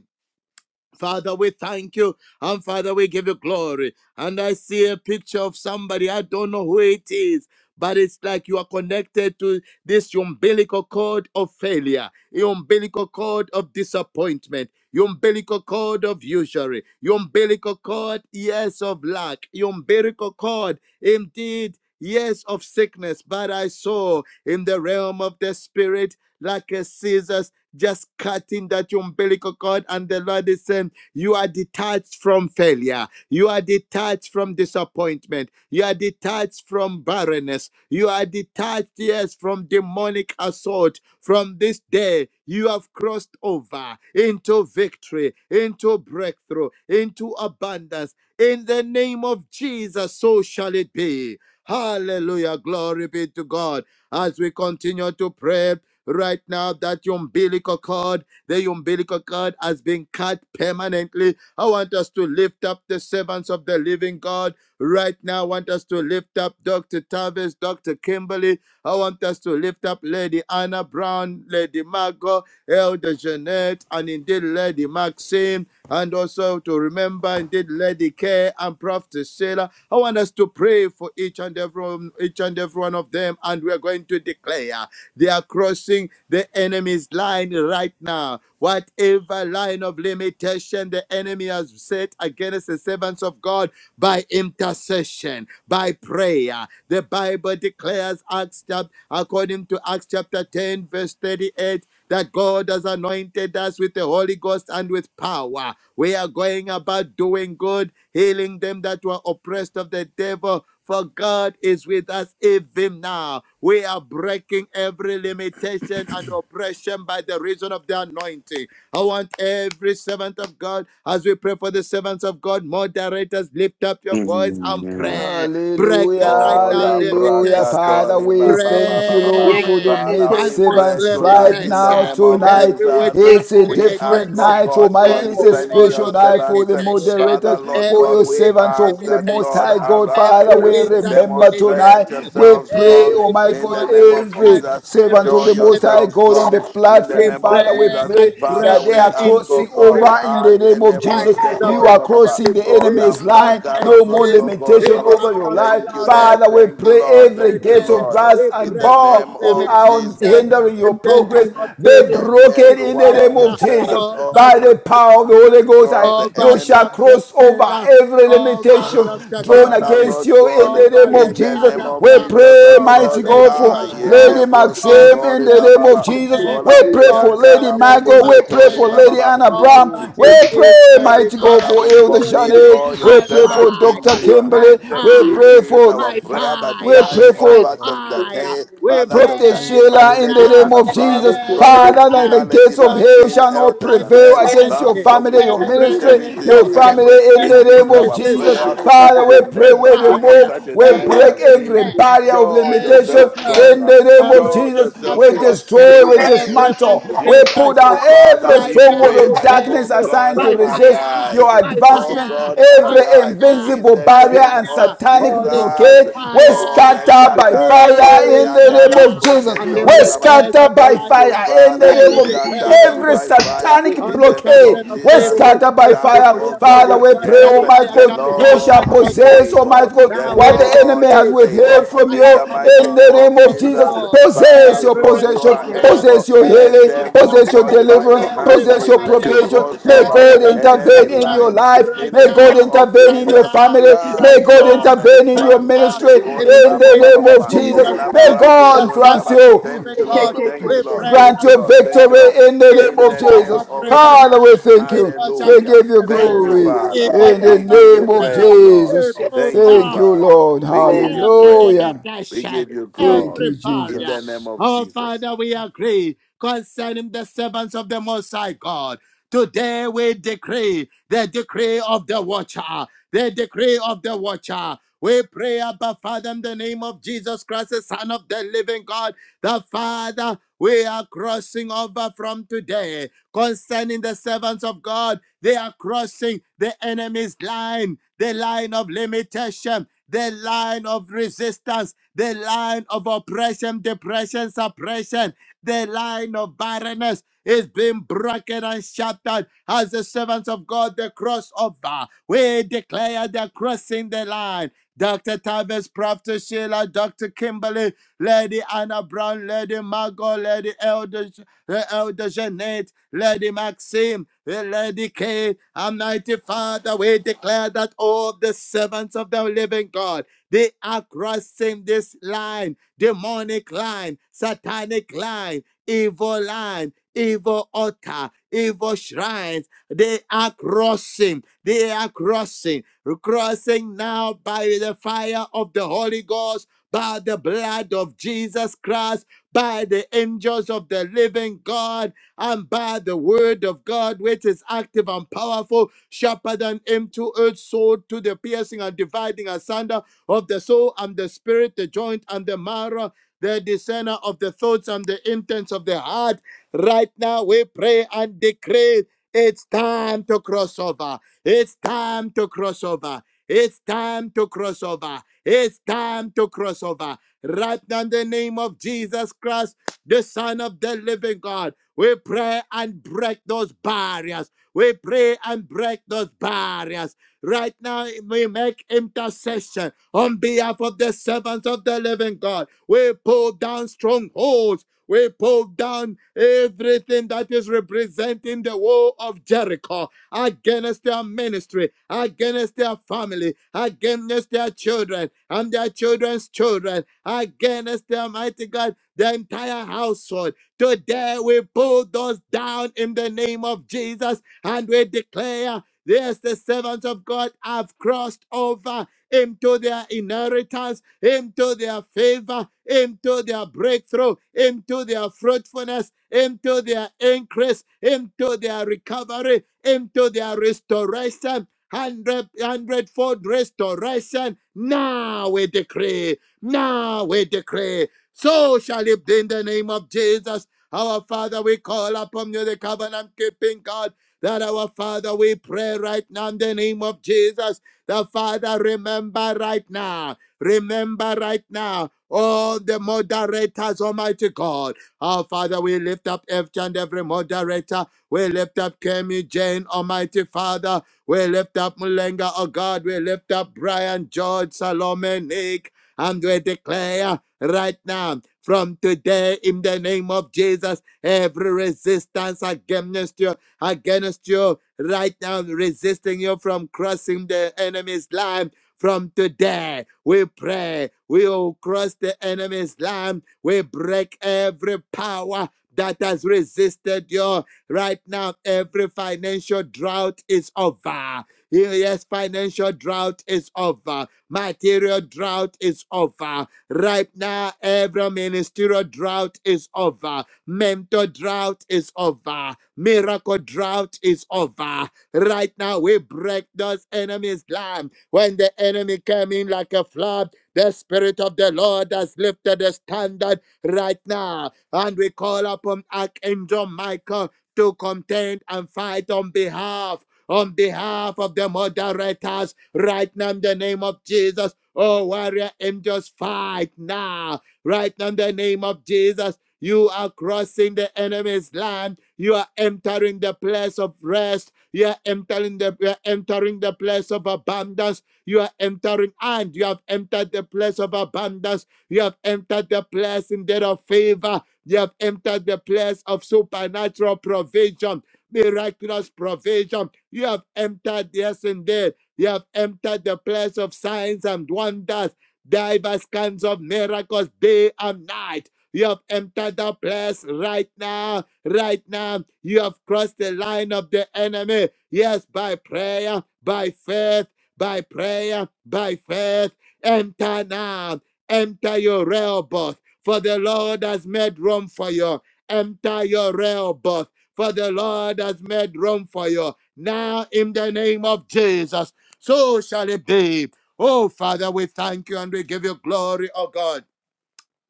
E: Father, we thank you. And Father, we give you glory. And I see a picture of somebody. I don't know who it is, but it's like you are connected to this umbilical cord of failure, your umbilical cord of disappointment, your umbilical cord of usury, your umbilical cord, yes, of lack, your umbilical cord, indeed. Yes, of sickness, but I saw in the realm of the spirit like a scissors just cutting that umbilical cord. And the Lord is saying, You are detached from failure. You are detached from disappointment. You are detached from barrenness. You are detached, yes, from demonic assault. From this day, you have crossed over into victory, into breakthrough, into abundance. In the name of Jesus, so shall it be. Hallelujah. Glory be to God. As we continue to pray, Right now, that your umbilical cord, the umbilical cord has been cut permanently. I want us to lift up the servants of the living God. Right now, I want us to lift up Dr. Tavis, Dr. Kimberly. I want us to lift up Lady Anna Brown, Lady Margot, Elder Jeanette, and indeed Lady Maxine, and also to remember indeed Lady Kay and Prophet Sarah. I want us to pray for each and every one, each and every one of them, and we are going to declare. They are crossing the enemy's line right now. Whatever line of limitation the enemy has set against the servants of God by intercession, by prayer. The Bible declares, Acts chapter, according to Acts chapter 10, verse 38, that God has anointed us with the Holy Ghost and with power. We are going about doing good healing them that were oppressed of the devil. For God is with us even now. We are breaking every limitation and oppression by the reason of the anointing. I want every servant of God, as we pray for the servants of God, moderators, lift up your voice and pray. Break
C: Hallelujah,
E: uh, right
D: Oh,
E: now
D: la
C: hallelujah.
E: limitation.
C: Father,
D: bracatori,
C: we
D: ba, ba, ba,
C: thank
D: ba,
C: you,
D: ba, ba.
C: Lord, for the
E: Pray
B: Yes,
C: maid
D: Father,
E: and
D: we
B: terrible.
E: break
D: pray
C: servants right
D: tonight in the
C: now,
E: limitation.
D: name of
C: tonight.
E: Every
D: Jesus.
E: witchcraft
C: It's
B: Yes,
C: a
D: We ask,
C: different
D: oh
E: limitation.
C: night, oh
D: God,
C: my, it's
E: Every
C: a
B: terrible.
D: concerning your
C: special
E: warlock
C: night for
D: servants.
C: the
E: limitation
F: you.
D: Father,
C: moderators,
G: Lord, I
D: Lord
C: for
G: was
E: every
D: God,
C: your
G: so
D: we
E: weight
G: God,
C: servants
G: we
D: ask
C: of the
G: lift
D: that,
G: up
C: Most
G: every
D: Lord,
E: limitation,
C: High
F: Mata,
C: God.
G: spirit of God
C: Father,
E: every
D: arise.
G: in
C: we
G: the
E: wizard
G: mighty
C: remember
G: name of
C: tonight,
D: Demonstrate
E: limitation,
G: Jesus.
C: we
D: yourself
C: pray,
D: strong
C: oh
E: every
C: my
D: in the
C: God,
E: demonic
D: name of
C: every
E: satanic
D: Jesus.
C: servant of the
E: spirit
D: Show
C: of the Most High
D: yourself
C: God on the
D: strong
G: Ashandarabasoko,
E: limitation.
D: in the
E: We
C: platform.
D: name of
C: Father, we
E: pray
D: Jesus.
E: and
C: pray
E: break
D: Father,
C: that they
D: we
C: are
E: the
D: ask,
E: ind- we
D: oh
C: crossing
D: God,
C: over in
E: break
G: Akaramashandarabasekete,
C: the
E: the
G: Lord.
C: name
D: ayele
C: of Jesus.
E: devices
D: broske
G: I
E: of
G: will
C: You
E: the
D: kod
C: are
G: lift up
D: baba,
C: crossing
E: enemy.
G: my
C: the
G: God,
D: o
G: your
E: It
C: enemy's
E: shall
D: lambra
E: not
C: line.
G: crossbeam in
D: kala
C: No
G: this
C: more
E: exist.
D: brosko
G: line, O
D: kod
C: limitation
G: Lord
E: It
D: baba.
C: over
E: shall
C: your
E: not
C: life.
G: Almighty,
D: Thank you,
E: flourish.
D: Lord.
C: Father, we
G: mighty
D: Thank you,
E: But
C: pray
E: from
D: Lord.
G: name,
C: every
D: Thank
G: every
D: you,
C: gate
E: today,
G: kid
C: of
D: Lord.
G: that
C: brass
E: we
G: died,
D: In
C: and
D: the
E: break those
D: name
C: bar of
D: of
C: iron
D: Jesus,
E: limitations
C: hindering your
E: in the
C: progress
E: name of
C: be
E: Jesus.
D: let
E: We
C: broken
D: every
C: in the
D: one
G: every
D: of
C: name
D: your
C: of
E: declare
G: broken
C: Jesus.
D: servants all
E: over
C: By the
E: Dr.
C: power of the
E: Tavis
C: Holy Ghost,
D: across
C: I,
D: the
G: name of
E: over
C: you
D: enemy.
C: shall
G: Jesus, I
E: Prophet
C: cross
G: put a
C: over
E: Sheila,
G: mighty
C: every
E: over
G: every
C: limitation
E: Dr.
C: drawn
G: limitation I
D: Father,
G: find
E: Kimberly,
C: against
D: Lord
C: you
G: against
C: in
D: God,
C: the
G: you,
C: name
E: over
G: Lord.
C: of
D: in
E: Lady
D: the
C: Jesus.
D: name
E: Anna
D: of
C: We
G: Just
E: Brown,
D: Jesus,
C: pray,
D: that
G: Lord, we
E: over
C: mighty
D: Lord,
G: pray,
E: Lady
C: God, for
D: ah,
G: Father,
E: Margot,
D: yele
C: Lady
G: the
D: broske
G: lady
C: Maxim
E: over
C: in
D: kori
G: for
C: the
G: the
E: Elder
C: name of
D: bababa,
G: faith,
C: Jesus.
G: for
E: Jeanette,
C: We
G: Lady
C: pray for
D: olambria
E: over
G: Anna,
C: Lady
D: kala
E: Lady
D: bobo
C: Margot. We
G: Prophetess
C: pray
D: setori
C: for
E: Maxim,
C: Lady
G: Sheila, for
C: Anna
G: Dr. Bethany,
E: over
D: bababa.
C: Brown. We
E: indeed
C: pray,
D: Fa-
E: Lady
C: mighty God,
D: Father,
E: Kev,
C: for
D: we
C: Elder
D: commit
E: today
C: Janet.
D: all your
G: Koraba
C: We
E: by
C: pray for
D: servants
G: Shakara, for
C: Dr.
E: fire,
D: into your
E: by
C: Kimberly.
D: hands.
G: Secretary
C: We
G: Yatara,
D: It
C: pray
E: fire,
D: is
C: for
D: our
E: by
D: prayer,
G: Makora
D: but
C: we
E: fire,
D: charge
C: pray
E: by
G: Bashende,
C: for
G: the
D: over Dr.
G: we pray
E: fire.
D: K,
E: We
D: Father
G: for
C: Prophet
D: Dr.
E: burn right
D: Kimberly,
C: Sheila,
G: faithful,
C: in
D: Lady
C: the
E: now
G: faithful,
C: name
D: Anna
C: of
D: Brown,
C: Jesus,
G: Prophetess
E: every
G: Sheila,
D: Doctor
G: we
C: Father,
G: pray
C: that the
D: Sheila,
E: line,
G: for
D: Lady
C: gates of
G: Dr.
C: hell
D: Maxine,
C: shall
G: Nikara,
C: not
E: every
D: Elder
E: line
G: Yakara
E: of
C: prevail
D: Janet.
E: the
C: against
G: Bashende,
C: your
E: enemy
D: Father,
G: Lord,
D: we
C: family, your
G: Saka
D: commit
E: every
C: ministry,
D: them into
G: Kayende,
C: your
D: your
G: Lord,
E: limitation,
D: hand.
C: family, in
D: It
C: the
E: every
C: name
D: is
C: of
D: our
G: Makora
C: Jesus.
D: prayer
E: resistance,
G: Bashende,
D: that
C: Father,
G: Lord.
C: we pray,
E: every
C: we
D: remember us at
C: remove,
E: barrier,
D: such
G: Mm.
D: a
C: we
D: time
C: break
D: as
E: every
G: Father,
C: every
G: we
D: this.
G: pray
E: spell,
C: barrier
G: for
C: of
D: Show
G: Lady
E: every
C: limitation
D: yourself strong.
E: curse,
C: in
D: Lord.
C: the
G: Anna.
C: name of
E: every
D: Show
C: Jesus.
D: yourself
C: We
D: strong.
E: incantation,
C: destroy,
D: In
C: we
D: the name
E: every
D: of
C: dismantle, we pull
D: Jesus,
C: down
E: manipulation.
D: Father,
C: every
E: Right
D: we
E: now
C: stronghold
D: pray
E: we
C: of
D: that,
E: burn
D: oh
C: darkness
E: you
D: God,
C: assigned to
E: by
G: Amen.
C: resist
E: fire,
D: arise.
C: your
E: by
D: Oh
C: advancement,
E: fire,
D: God,
E: by
C: every
D: arise.
E: fire,
D: In
C: invincible
D: the
E: by
C: barrier
D: name
C: and
D: of
E: fire.
C: satanic
E: Holy Ghost
D: Jesus.
C: blockade. We
D: Oh,
E: fire,
C: scatter by fire
E: burn
C: in the name
E: now.
C: of Jesus.
E: As
C: We
E: in the
D: rekakarandariakalambroketorimabara.
E: days
C: scatter
E: of
C: by
D: Thank you,
E: Elijah,
C: fire in the
D: Father.
E: when
C: name
E: he
C: of Je-
D: Scatter
E: declared on
D: them
E: the
C: every
D: by
E: country
D: fire
C: satanic
E: on
D: in
E: the
D: the name
E: captain
D: of
C: blockade.
E: of
C: We
D: Jesus.
E: safety.
C: scatter by
E: If I
D: Charge,
C: fire.
E: be
D: oh
E: a man
D: God,
C: Father,
E: of
D: that
C: we
E: God,
C: pray,
E: let
D: yes,
C: Almighty
E: fire
D: the
C: God.
E: come
C: You
E: down
C: shall
E: and
D: Lord is
E: consume
C: possess,
E: you.
C: Almighty
D: able.
C: God,
D: The
E: Thou
C: what
E: is
C: the enemy
D: Lord
C: has
D: is
E: decreed,
D: able.
E: let
C: withheld from
D: In
E: fire
C: you
D: the
E: come
D: mighty
C: in
E: down
C: the
D: name
E: and
C: name
D: of
C: of Jesus.
D: Jesus,
E: consume
C: Possess
D: Father,
C: your
E: every
D: Lord, you
C: possession,
D: are
E: resistance,
C: possess
D: able.
C: your
D: Let
E: every
C: healing,
D: them, oh
C: possess your
D: God,
E: obstacle,
D: by
C: deliverance,
D: your
E: every
D: hand,
C: possess
D: be
C: your
D: led to
E: barrier,
C: provision.
D: cross
C: May
D: over
E: every
C: God
D: enemy
C: intervene in
E: limitation
C: your
D: lines
C: life.
E: right
D: in
C: May
D: the
C: God
D: name
E: now,
D: of
C: intervene
E: right
C: in your
D: Jesus.
E: now,
C: family. May
E: right
D: Charge,
C: God
E: now,
D: Lord.
C: intervene in
E: right
C: your
E: now,
C: ministry
D: Mandale kore
E: in
C: in
E: the
C: the
D: babo
E: name
D: baba
E: of
C: name of
D: baba.
C: Jesus.
E: Jesus
D: Ela
C: May
E: Christ,
D: brake
E: the
C: God
D: tori
E: Son
C: grant
E: of
D: baba.
E: the
C: you
D: Thank
E: living
D: you,
E: God.
D: Lord. Thank you,
E: We
D: Lord.
E: pray
C: grant
D: Thank you,
E: and
C: your
D: Lord. Thank you,
E: declare.
D: Lord.
C: victory in the name
D: In
E: Evil
C: of
D: the
E: shall
D: name
C: Jesus.
E: not
D: of
C: Father,
E: prevail.
D: Jesus.
C: we thank you.
E: Evil shall
C: We
D: Hallelujah.
E: not
C: give you
D: Thank you,
E: prevail.
C: glory
D: Father.
E: Evil
C: in the
E: shall
D: We
E: not
D: give you
C: name of
E: prevail.
D: praise, Lord.
E: We
C: Jesus.
E: pull
D: Thank you,
C: Thank
E: down
C: you,
D: Father.
C: Lord.
G: Amen.
D: We give you
E: every
D: praise.
C: Hallelujah.
D: We
E: limitation,
D: give you
C: Thank
D: glory.
E: every
C: you,
D: In
E: barrier.
D: the
C: Jesus.
D: name of
E: Oh,
D: Jesus.
E: Father, we agree concerning the servants of the Most High God. Today we decree the decree of the watcher, the decree of the watcher. We pray, Abba Father, in the name of Jesus Christ, the Son of the living God, the Father. We are crossing over from today concerning the servants of God. They are crossing the enemy's line, the line of limitation the line of resistance, the line of oppression, depression, suppression, the line of barrenness is being broken and shattered as the servants of God, the crossover. We declare they're crossing the line. Dr. Tavis, Prophet Sheila, Dr. Kimberly, Lady Anna Brown, Lady Margot, Lady Elder the Elder Jeanette, Lady Maxim, Lady Kay, Almighty Father, we declare that all the servants of the living God, they are crossing this line, demonic line, satanic line, evil line, evil altar, evil shrine. They are crossing. They are crossing. Crossing now by the fire of the Holy Ghost, by the blood of Jesus Christ, by the angels of the living God, and by the word of God, which is active and powerful, sharper than any two-edged sword to the piercing and dividing asunder of the soul and the spirit, the joint and the marrow, the discerner of the thoughts and the intents of the heart. Right now, we pray and decree it's time to cross over. It's time to cross over. It's time to cross over. It's time to cross over. Right now, in the name of Jesus Christ, the Son of the Living God, we pray and break those barriers. We pray and break those barriers. Right now, we make intercession on behalf of the servants of the living God. We pull down strongholds we pull down everything that is representing the wall of Jericho against their ministry, against their family, against their children and their children's children, against their mighty God, the entire household. Today we pull those down in the name of Jesus and we declare. Yes, the servants of God have crossed over into their inheritance, into their favor, into their breakthrough, into their fruitfulness, into their increase, into their recovery, into their restoration. Hundred hundredfold restoration. Now we decree. Now we decree. So shall it be in the name of Jesus. Our Father, we call upon you, the covenant keeping God, that our Father, we pray right now in the name of Jesus the Father, remember right now, remember right now all the moderators, Almighty God. Our Father, we lift up every and every moderator. We lift up Kemi Jane, Almighty Father. We lift up Mulenga, oh God. We lift up Brian, George, Salome, Nick, and we declare right now, from today, in the name of Jesus, every resistance against you, against you right now resisting you from crossing the enemy's line. From today, we pray we will cross the enemy's line. We break every power that has resisted you. Right now, every financial drought is over. Yes, financial drought is over. Material drought is over. Right now, every ministerial drought is over Mentor drought is over. Miracle drought is over. Right now, we break those enemies' lamb. When the enemy came in like a flood, the Spirit of the Lord has lifted the standard right now. And we call upon Archangel Michael to contend and fight on behalf. On behalf of the moderators, right now in the name of Jesus, oh warrior angels, fight now Right now, in the name of Jesus, you are crossing the enemy's land. You are entering the place of rest. You are entering the, you are entering the place of abundance. You are entering, and you have entered the place of abundance. You have entered the place indeed of favor. You have entered the place of supernatural provision, miraculous provision. You have entered, yes, indeed. You have entered the place of signs and wonders. Diverse kinds of miracles day and night. You have entered the place right now. Right now, you have crossed the line of the enemy. Yes, by prayer, by faith, by prayer, by faith. Enter now. Enter your railbus, for the Lord has made room for you. Enter your railbus, for the Lord has made room for you. Now, in the name of Jesus, so shall it be. Oh, Father, we thank you and we give you glory, oh God.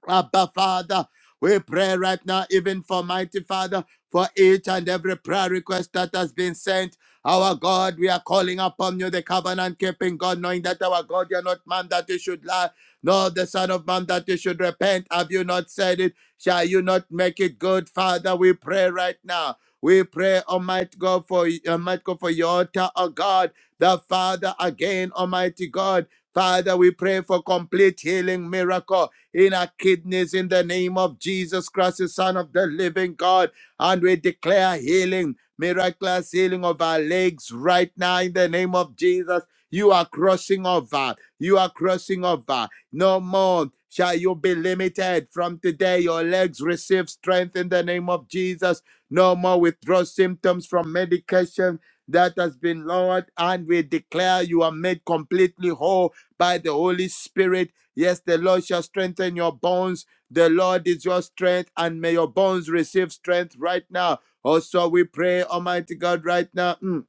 E: Abba Father, we pray right now, even for mighty Father, for each and every prayer request that has been sent. Our God, we are calling upon you, the covenant keeping God, knowing that our God, you're not man that you should lie, nor the Son of Man that you should repent. Have you not said it? Shall you not make it good, Father? We pray right now. We pray, Almighty God, for Almighty God, for your altar, O God, the Father again, Almighty God. Father, we pray for complete healing miracle in our kidneys in the name of Jesus Christ, the Son of the living God. And we declare healing, miraculous healing of our legs right now in the name of Jesus. You are crossing over. You are crossing over. No more shall you be limited. From today, your legs receive strength in the name of Jesus. No more withdrawal symptoms from medication that has been lowered. And we declare you are made completely whole by the Holy Spirit Yes, the Lord shall strengthen your bones. The Lord is your strength, and may your bones receive strength right now. Also, we pray, Almighty God, right now. mm,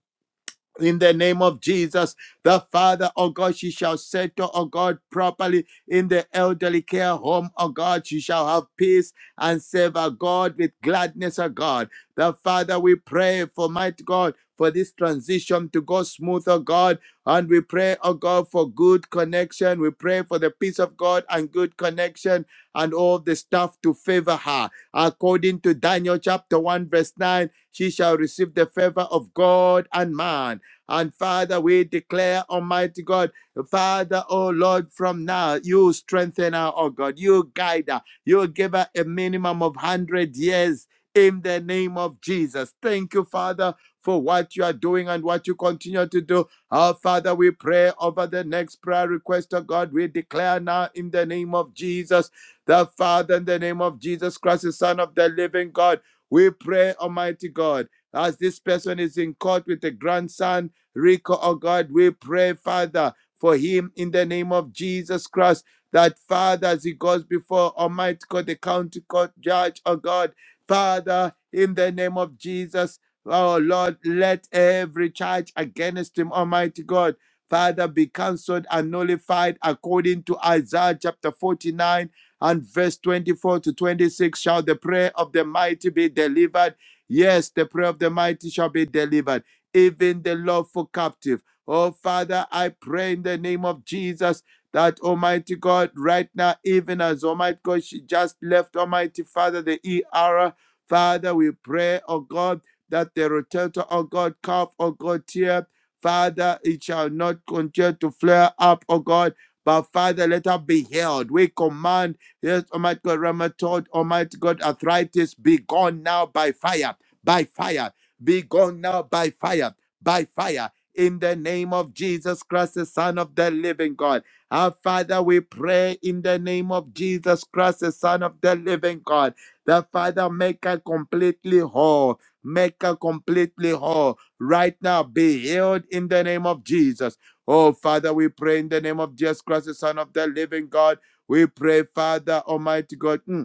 E: in the name of Jesus, the Father, oh God, she shall settle, oh God, properly in the elderly care home, oh God. She shall have peace and serve our God with gladness, oh God. The Father, we pray for might God for this transition to go smooth, oh God. And we pray, oh God, for good connection. We pray for the peace of God and good connection and all the stuff to favor her. According to Daniel chapter 1, verse 9, she shall receive the favor of God and man. And Father, we declare, Almighty God, Father, oh Lord, from now, you strengthen her, oh God, you guide her, you give her a minimum of 100 years in the name of Jesus. Thank you, Father, for what you are doing and what you continue to do. Our Father, we pray over the next prayer request of God. We declare now in the name of Jesus, the Father, in the name of Jesus Christ, the Son of the living God. We pray, Almighty God, as this person is in court with a grandson. Rico, oh God, we pray, Father, for him in the name of Jesus Christ. That Father, as he goes before Almighty God, the county court judge, oh God, Father, in the name of Jesus, oh Lord, let every charge against him, Almighty God, Father, be cancelled and nullified according to Isaiah chapter 49 and verse 24 to 26. Shall the prayer of the mighty be delivered? Yes, the prayer of the mighty shall be delivered even the lawful captive. Oh, Father, I pray in the name of Jesus that Almighty God, right now, even as Almighty God, she just left Almighty Father, the ER. Father, we pray, oh God, that the rotator, oh God, calf, oh God, tear. Father, it shall not continue to flare up, oh God. But Father, let her be healed. We command, yes, Almighty God, rheumatoid, Almighty God, arthritis, be gone now by fire, by fire be gone now by fire, by fire. In the name of Jesus Christ, the Son of the living God. Our Father, we pray in the name of Jesus Christ, the Son of the living God. The Father, make her completely whole. Make her completely whole. Right now, be healed in the name of Jesus. Oh, Father, we pray in the name of Jesus Christ, the Son of the living God. We pray, Father, Almighty God. mm,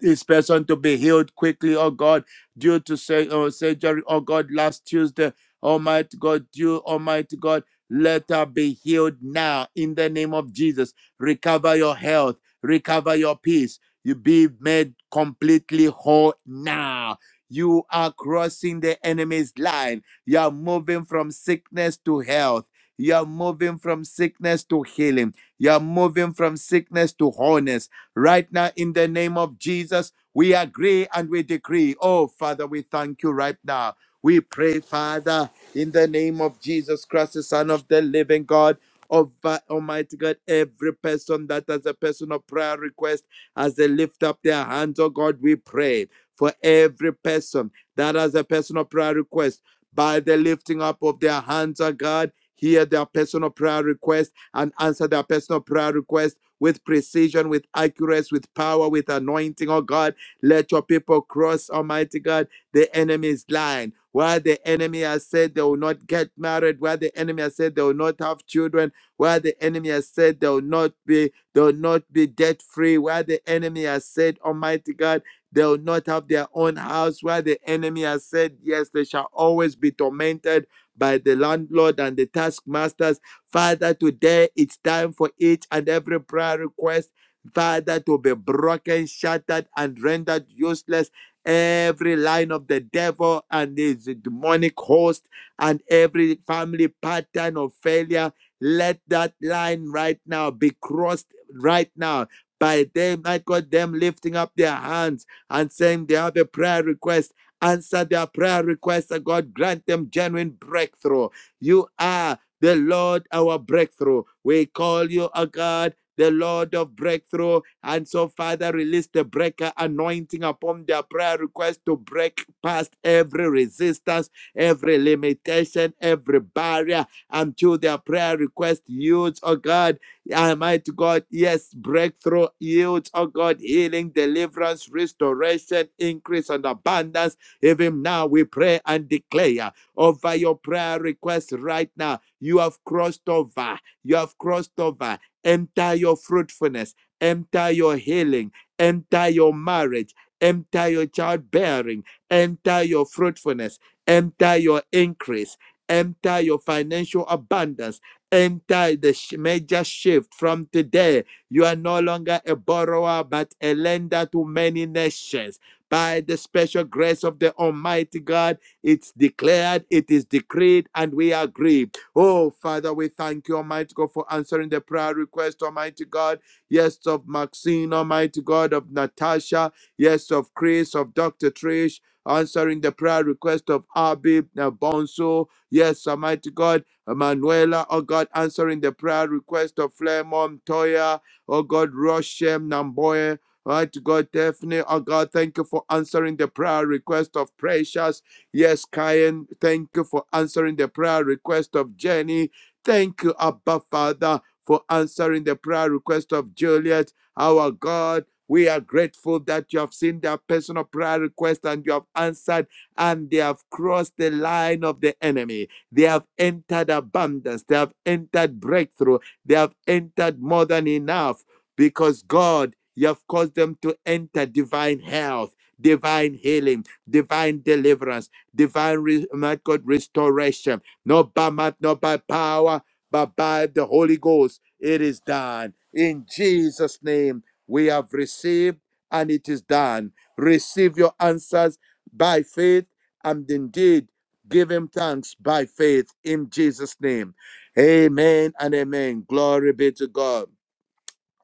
E: this person to be healed quickly, oh God, due to say, oh, surgery, oh God, last Tuesday, Almighty God, due, Almighty God, let her be healed now in the name of Jesus. Recover your health, recover your peace. You be made completely whole now. You are crossing the enemy's line. You are moving from sickness to health. You are moving from sickness to healing. You are moving from sickness to wholeness Right now, in the name of Jesus, we agree and we decree. Oh, Father, we thank you right now. We pray, Father, in the name of Jesus Christ, the Son of the living God. Of uh, Almighty God, every person that has a personal prayer request, as they lift up their hands, oh God, we pray for every person that has a personal prayer request. By the lifting up of their hands, oh God, hear their personal prayer request and answer their personal prayer request with precision, with accuracy, with power, with anointing, oh God. Let your people cross, Almighty God, the enemy's line. Where the enemy has said they will not get married, where the enemy has said they will not have children, where the enemy has said they will not be, they will not be debt free, where the enemy has said, Almighty God, they will not have their own house, where the enemy has said, Yes, they shall always be tormented by the landlord and the taskmasters Father, today it's time for each and every prayer request, Father, to be broken, shattered, and rendered useless. Every line of the devil and his demonic host, and every family pattern of failure, let that line right now be crossed right now by them, my God, them lifting up their hands and saying they have a prayer request. Answer their prayer request, and God grant them genuine breakthrough. You are the Lord our breakthrough. We call you, a God, the Lord of breakthrough. And so, Father, release the breaker anointing upon their prayer request to break past every resistance, every limitation, every barrier until their prayer request yields, oh God, Almighty God, yes, breakthrough yields, oh God, healing, deliverance, restoration, increase, and abundance. Even now, we pray and declare over your prayer request right now you have crossed over. You have crossed over. Enter your fruitfulness. Enter your healing. Enter your marriage. Enter your childbearing. Enter your fruitfulness. Enter your increase. Enter your financial abundance. Enter the sh- major shift from today. You are no longer a borrower, but a lender to many nations. By the special grace of the Almighty God, it's declared, it is decreed, and we agree Oh, Father, we thank you, Almighty God, for answering the prayer request, Almighty God. Yes, of Maxine, Almighty God, of Natasha. Yes, of Chris, of Dr. Trish. Answering the prayer request of Abi uh, Bonso. Yes, Almighty God, Manuela, oh God, answering the prayer request of Flemon, Toya, oh God, Roshem, Namboye, Almighty God, Daphne, oh God, thank you for answering the prayer request of Precious. Yes, Kyan, thank you for answering the prayer request of Jenny. Thank you, Abba Father, for answering the prayer request of Juliet. Our God, we are grateful that you have seen their personal prayer request and you have answered, and they have crossed the line of the enemy. They have entered abundance, they have entered breakthrough, they have entered more than enough because God, you have caused them to enter divine health, divine healing, divine deliverance divine, re- my God, restoration, not by might, not by power, but by the Holy Ghost. It is done. In Jesus' name, we have received and it is done. Receive your answers by faith and indeed give him thanks by faith in Jesus' name. Amen and amen. Glory be to God.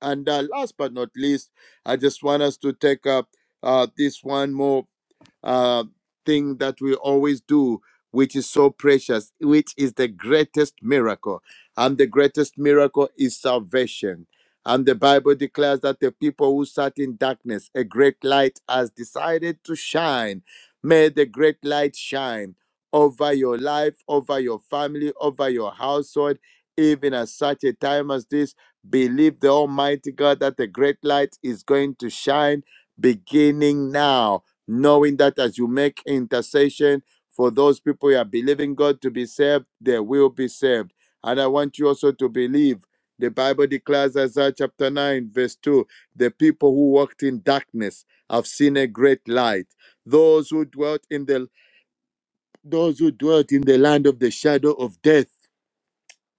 E: And uh, last but not least, I just want us to take up uh, this one more uh, thing that we always do, which is so precious, which is the greatest miracle. And the greatest miracle is salvation. And the Bible declares that the people who sat in darkness, a great light has decided to shine. May the great light shine over your life, over your family, over your household, even at such a time as this. Believe the Almighty God that the great light is going to shine beginning now knowing that as you make intercession for those people you are believing God to be saved, they will be saved. And I want you also to believe. The Bible declares Isaiah chapter 9, verse 2 the people who walked in darkness have seen a great light. Those who dwelt in the those who dwelt in the land of the shadow of death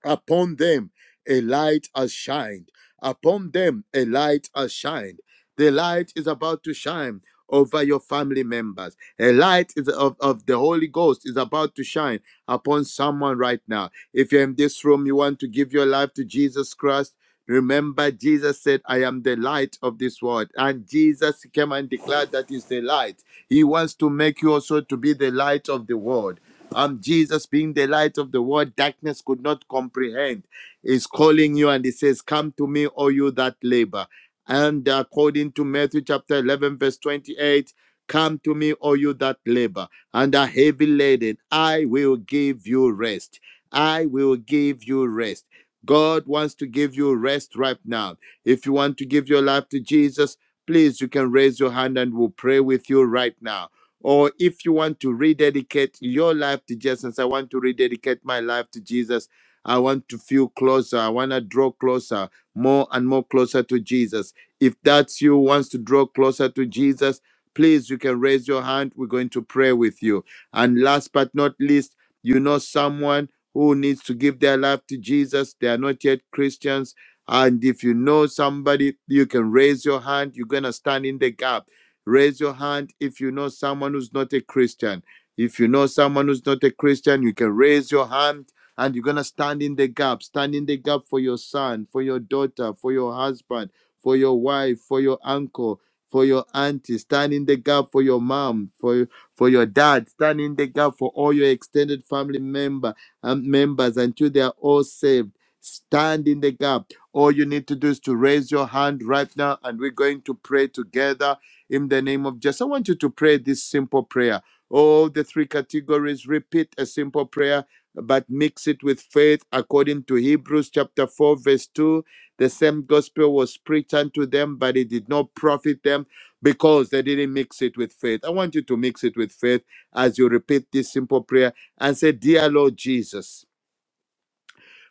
E: Upon them a light has shined. Upon them a light has shined. The light is about to shine over your family members. A light is of, of the Holy Ghost is about to shine upon someone right now. If you're in this room, you want to give your life to Jesus Christ. Remember, Jesus said, I am the light of this world. And Jesus came and declared that is the light. He wants to make you also to be the light of the world. Um, Jesus being the light of the world, darkness could not comprehend. Is calling you and he says, Come to me, all you that labor. And according to Matthew chapter 11, verse 28, come to me, all you that labor and are heavy laden. I will give you rest. I will give you rest. God wants to give you rest right now. If you want to give your life to Jesus, please, you can raise your hand and we'll pray with you right now. Or if you want to rededicate your life to Jesus, I want to rededicate my life to Jesus. I want to feel closer. I want to draw closer, more and more closer to Jesus. If that's you, wants to draw closer to Jesus, please, you can raise your hand. We're going to pray with you. And last but not least, you know someone who needs to give their life to Jesus. They are not yet Christians. And if you know somebody, you can raise your hand. You're going to stand in the gap. Raise your hand if you know someone who's not a Christian. If you know someone who's not a Christian, you can raise your hand and you're going to stand in the gap. Stand in the gap for your son, for your daughter, for your husband, for your wife, for your uncle, for your auntie. Stand in the gap for your mom, for, for your dad. Stand in the gap for all your extended family member um, members until they are all saved. Stand in the gap. All you need to do is to raise your hand right now, and we're going to pray together in the name of Jesus. I want you to pray this simple prayer. All the three categories repeat a simple prayer, but mix it with faith according to Hebrews chapter 4, verse 2. The same gospel was preached unto them, but it did not profit them because they didn't mix it with faith. I want you to mix it with faith as you repeat this simple prayer and say, Dear Lord Jesus,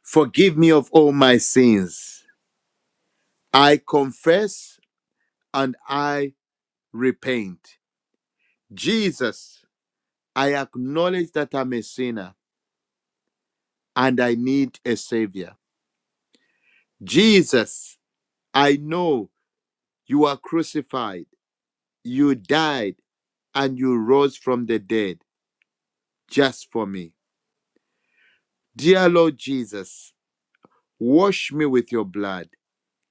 E: forgive me of all my sins. I confess and I repent. Jesus, I acknowledge that I'm a sinner and I need a savior. Jesus, I know you are crucified, you died, and you rose from the dead just for me. Dear Lord Jesus, wash me with your blood,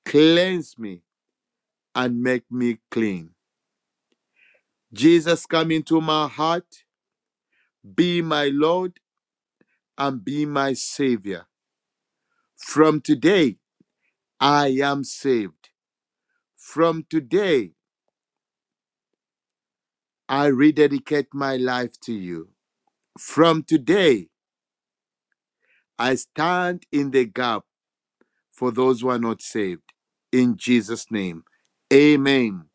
E: cleanse me, and make me clean. Jesus, come into my heart, be my Lord and be my Savior. From today, I am saved. From today, I rededicate my life to you. From today, I stand in the gap for those who are not saved. In Jesus' name, amen.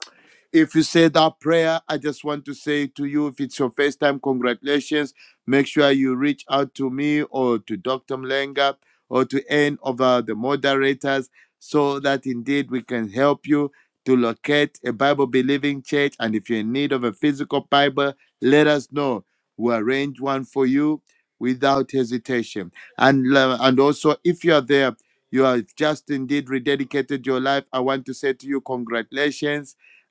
E: If you said that prayer, I just want to say to you, if it's your first time, congratulations. Make sure you reach out to me or to Dr. Mlenga or to any of uh, the moderators so that indeed we can help you to locate a Bible believing church. And if you're in need of a physical Bible, let us know. We'll arrange one for you without hesitation. And, uh, and also, if you are there, you have just indeed rededicated your life. I want to say to you, congratulations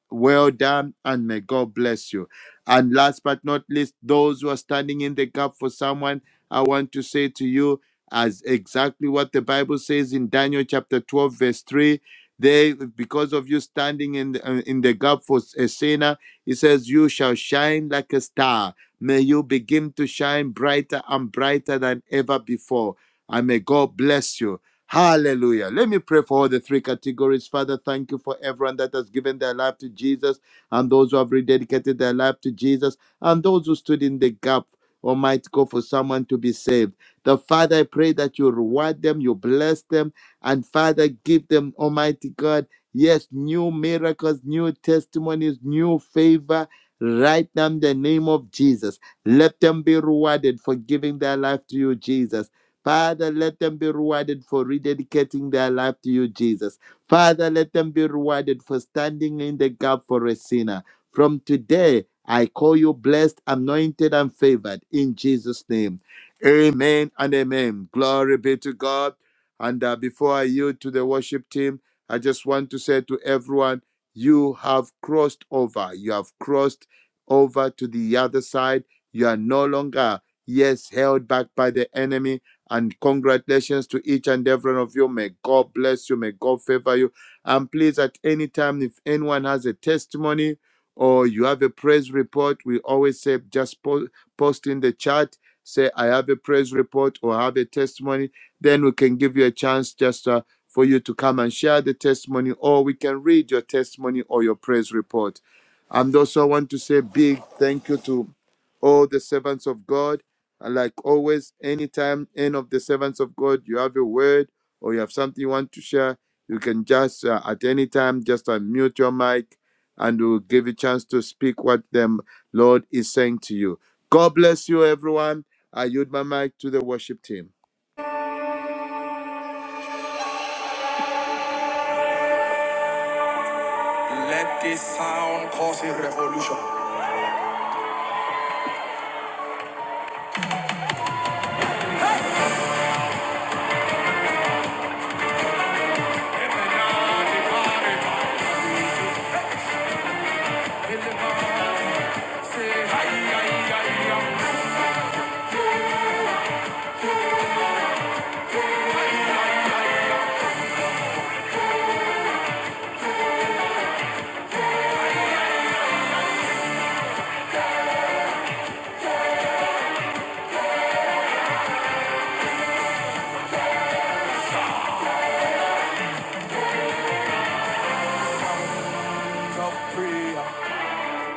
E: well done, and may God bless you. And last but not least, those who are standing in the gap for someone, I want to say to you, as exactly what the Bible says in Daniel chapter 12, verse 3. They, because of you standing in the, uh, in the gap for a sinner, it says, You shall shine like a star. May you begin to shine brighter and brighter than ever before. And may God bless you. Hallelujah. Let me pray for all the three categories. Father, thank you for everyone that has given their life to Jesus and those who have rededicated their life to Jesus and those who stood in the gap. Almighty God, for someone to be saved. The Father, I pray that you reward them, you bless them, and Father, give them, Almighty God, yes, new miracles, new testimonies, new favor, right now in the name of Jesus. Let them be rewarded for giving their life to you, Jesus. Father, let them be rewarded for rededicating their life to you, Jesus. Father, let them be rewarded for standing in the gap for a sinner. From today, I call you blessed, anointed, and favored in Jesus' name. Amen and amen. Glory be to God. And uh, before I yield to the worship team, I just want to say to everyone, you have crossed over. You have crossed over to the other side. You are no longer, yes, held back by the enemy and congratulations to each and every one of you. May God bless you. May God favor you. And please, at any time, if anyone has a testimony or you have a praise report, we always say just po- post in the chat. Say, I have a praise report or I have a testimony. Then we can give you a chance just uh, for you to come and share the testimony, or we can read your testimony or your praise report. And also, I want to say big thank you to all the servants of God. And like always, anytime any of the servants of God, you have a word or you have something you want to share, you can just uh, at any time just unmute your mic and we'll give you a chance to speak what the Lord is saying to you. God bless you, everyone. I yield my mic to the worship team.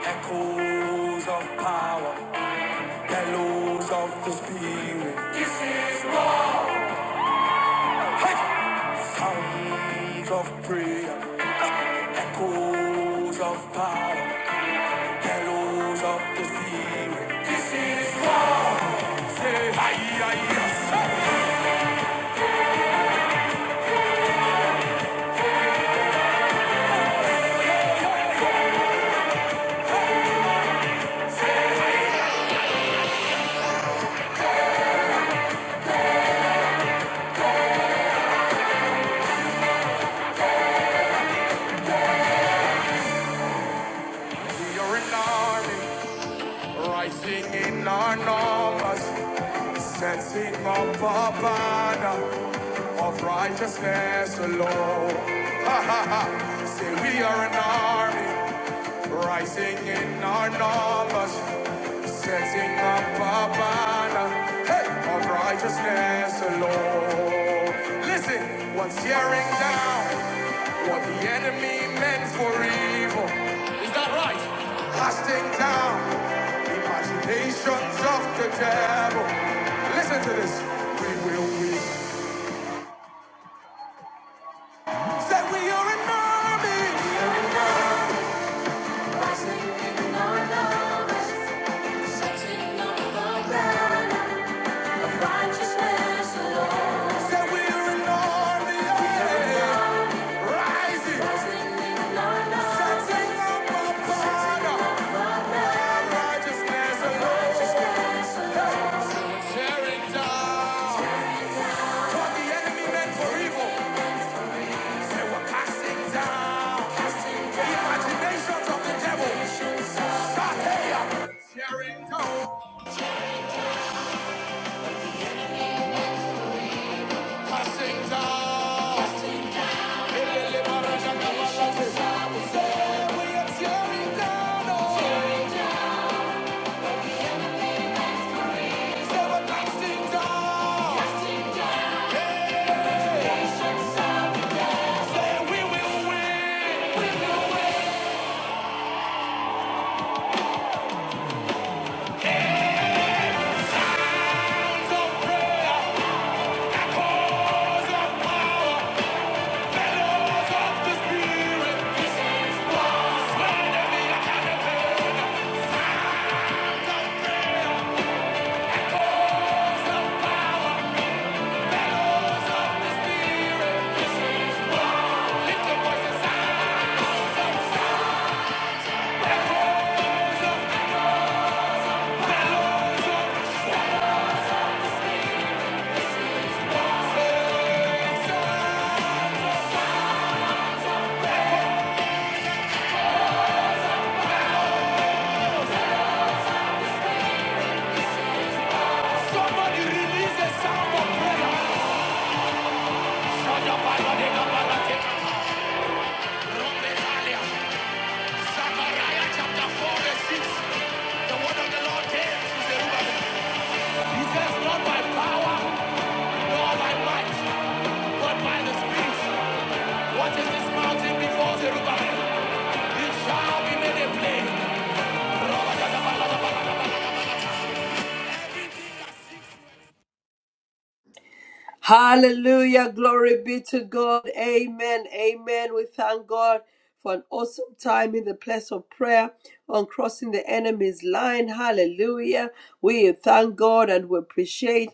A: Echoes of power, bellows of the spirit, sounds of prayer, echoes of power, bellows of the spirit. Hey, hey, hey. We are an army, rising in our numbers. Said seek not banner of righteousness alone. Say we are an army rising in our numbers, setting up a banner hey, of righteousness alone. Listen, what's tearing down what the enemy meant for evil? Is that right? Casting down imaginations of the devil. Listen to this. We will win. Said we are an army. We are an army, rising in our numbers, setting up the banner of righteousness, Lord. Said we are an army, We are an yeah, army, rising, rising in our setting up the banner of righteousness, Lord. Tearing down what the enemy meant for evil, say we're casting down. Imaginations of the devil. Sahaya. Tearing down. Passing down. We are tearing down. all down. And we will win. Of prayer, the spirit, the spirit. Somebody release a sound of prayer. chapter 4 verse 6. The word of the Lord came He says, not by power. all by might, but by the Spirit. What is this mountain before Zerubbabel? It shall be made a plain.
B: Hallelujah. Glory be to God. Amen. Amen. We thank God for an awesome time in the place of prayer on crossing the enemy's line. Hallelujah. We thank God and we appreciate.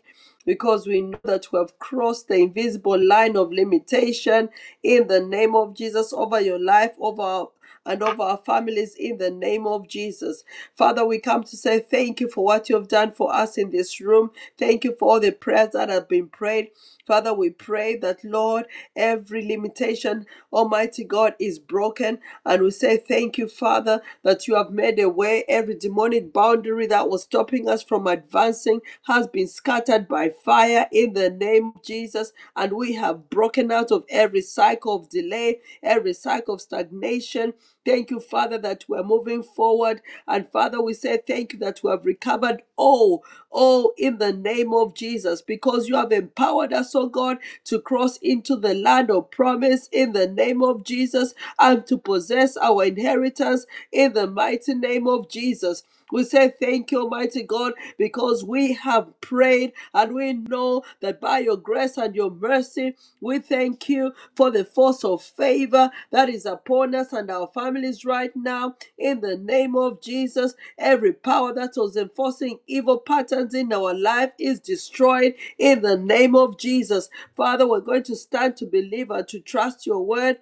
B: because we know that we have crossed the invisible line of limitation in the name of Jesus over your life, over our- and over our families in the name of Jesus. Father, we come to say thank you for what you have done for us in this room. Thank you for all the prayers that have been prayed. Father, we pray that, Lord, Every limitation, Almighty God, is broken. And we say, Thank you, Father, that you have made a way. Every demonic boundary that was stopping us from advancing has been scattered by fire in the name of Jesus. And we have broken out of every cycle of delay, every cycle of stagnation. Thank you, Father, that we're moving forward. And Father, we say thank you that we have recovered all, all in the name of Jesus, because you have empowered us, oh God to cross into the land of promise in the name of Jesus and to possess our inheritance in the mighty name of Jesus. We say thank you, Almighty God, because we have prayed and we know that by your grace and your mercy, we thank you you for the force of favor that is upon us and our families right now. In the name of Jesus, every power that was enforcing evil patterns in our life is destroyed in the name of Jesus. Father, we're going to stand to believe and to trust your word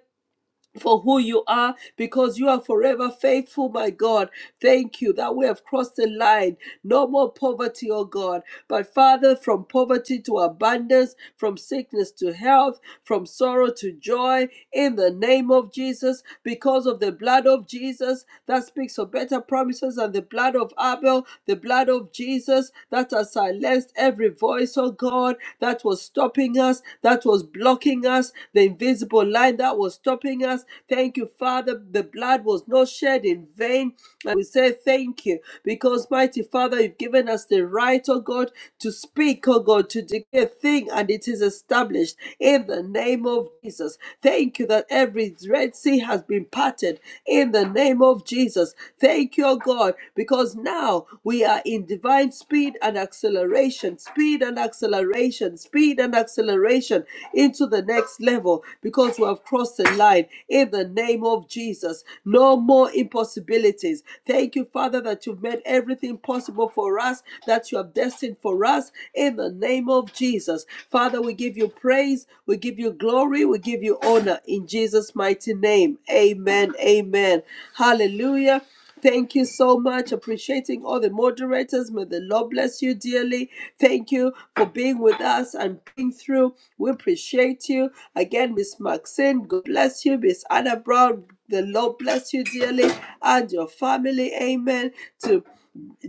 B: for who you are because you are forever faithful, my God. Thank you that we have crossed the line. No more poverty, oh God. But Father, from poverty to abundance, from sickness to health, from sorrow to joy, in the name of Jesus, because of the blood of Jesus that speaks for better promises and the blood of Abel, the blood of Jesus that has silenced every voice, oh God, that was stopping us, that was blocking us, the invisible line that was stopping us us. Thank you, Father. The blood was not shed in vain. And we say thank you because, mighty Father, you've given us the right, oh God, to speak, oh God, to declare a thing, and it is established in the name of Jesus. Thank you that every Red Sea has been parted in the name of Jesus. Thank you, oh God, because now we are in divine speed and acceleration, speed and acceleration, speed and acceleration into the next level because we have crossed the line mind in the name of Jesus. No more impossibilities. Thank you, Father, that you've made everything possible for us, that you have destined for us in the name of Jesus. Father, we give you praise, we give you glory, we give you honor in Jesus' mighty name. Amen. Amen. Hallelujah. Thank you so much. Appreciating all the moderators. May the Lord bless you dearly. Thank you for being with us and being through. We appreciate you. Again, Miss Maxine, God bless you. Miss Anna Brown, the Lord bless you dearly and your family. Amen. To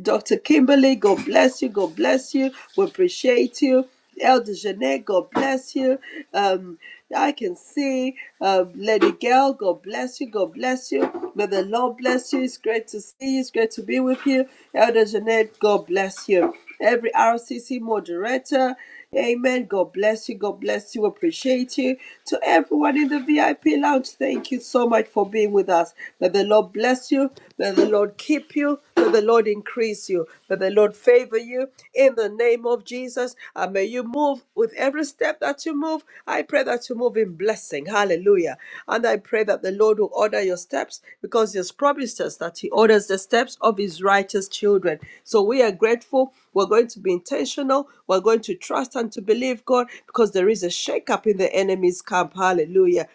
B: Dr. Kimberly, God bless you. God bless you. We appreciate you. Elder Jeanette, God bless you. Um, I can see um, Lady Gail, God bless you, God bless you. May the Lord bless you. It's great to see you, it's great to be with you. Elder Jeanette, God bless you. Every RCC moderator, amen. God bless you, God bless you, appreciate you. To everyone in the VIP lounge, thank you so much for being with us. May the Lord bless you, may the Lord keep you. May the Lord increase you. May the Lord favor you in the name of Jesus. And may you move with every step that you move. I pray that you move in blessing. Hallelujah. And I pray that the Lord will order your steps because He has promised us that He orders the steps of His righteous children. So we are grateful. We're going to be intentional. We're going to trust and to believe God because there is a shakeup in the enemy's camp. Hallelujah.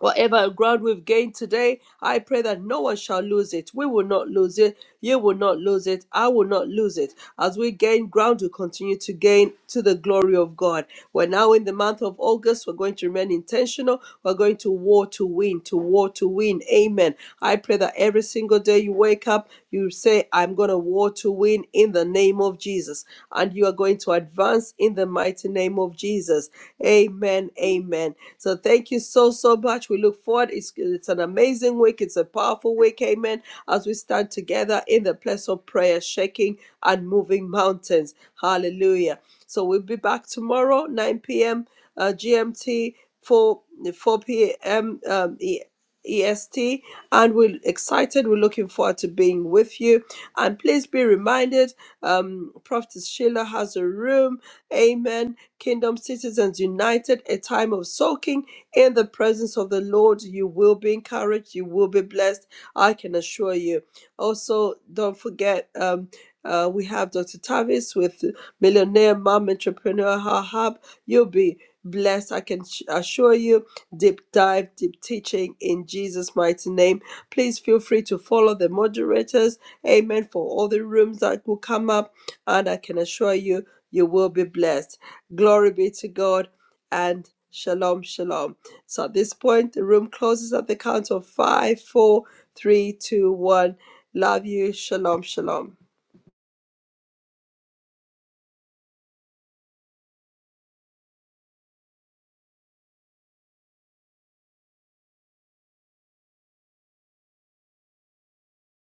B: Whatever ground we've gained today, I pray that no one shall lose it. We will not lose it. You will not lose it. I will not lose it. As we gain ground, we continue to gain to the glory of God. We're now in the month of August. We're going to remain intentional. We're going to war to win, to war to win. Amen. I pray that every single day you wake up, you say, I'm going to war to win in the name of Jesus. Jesus. And you are going to advance in the mighty name of Jesus. Amen. Amen. So thank you so, so much. We look forward. It's, it's an amazing week. It's a powerful week. Amen. As we stand together in the place of prayer, shaking and moving mountains. Hallelujah. So we'll be back tomorrow, 9 p.m. Uh, GMT, 4, 4 p.m. Um, E EST, and we're excited. We're looking forward to being with you. And please be reminded, um, Prophetess Sheila has a room. Amen. Kingdom Citizens United, a time of soaking in the presence of the Lord. You will be encouraged. You will be blessed. I can assure you. Also, don't forget. Um, uh, we have Dr. Tavis with Millionaire Mom Entrepreneur Her Hub. You'll be blessed. I can sh- assure you deep dive, deep teaching in Jesus' mighty name. Please feel free to follow the moderators. Amen. For all the rooms that will come up, and I can assure you, you will be blessed. Glory be to God and shalom, shalom. So at this point, the room closes at the count of five, four, three, two, one. Love you. Shalom, shalom.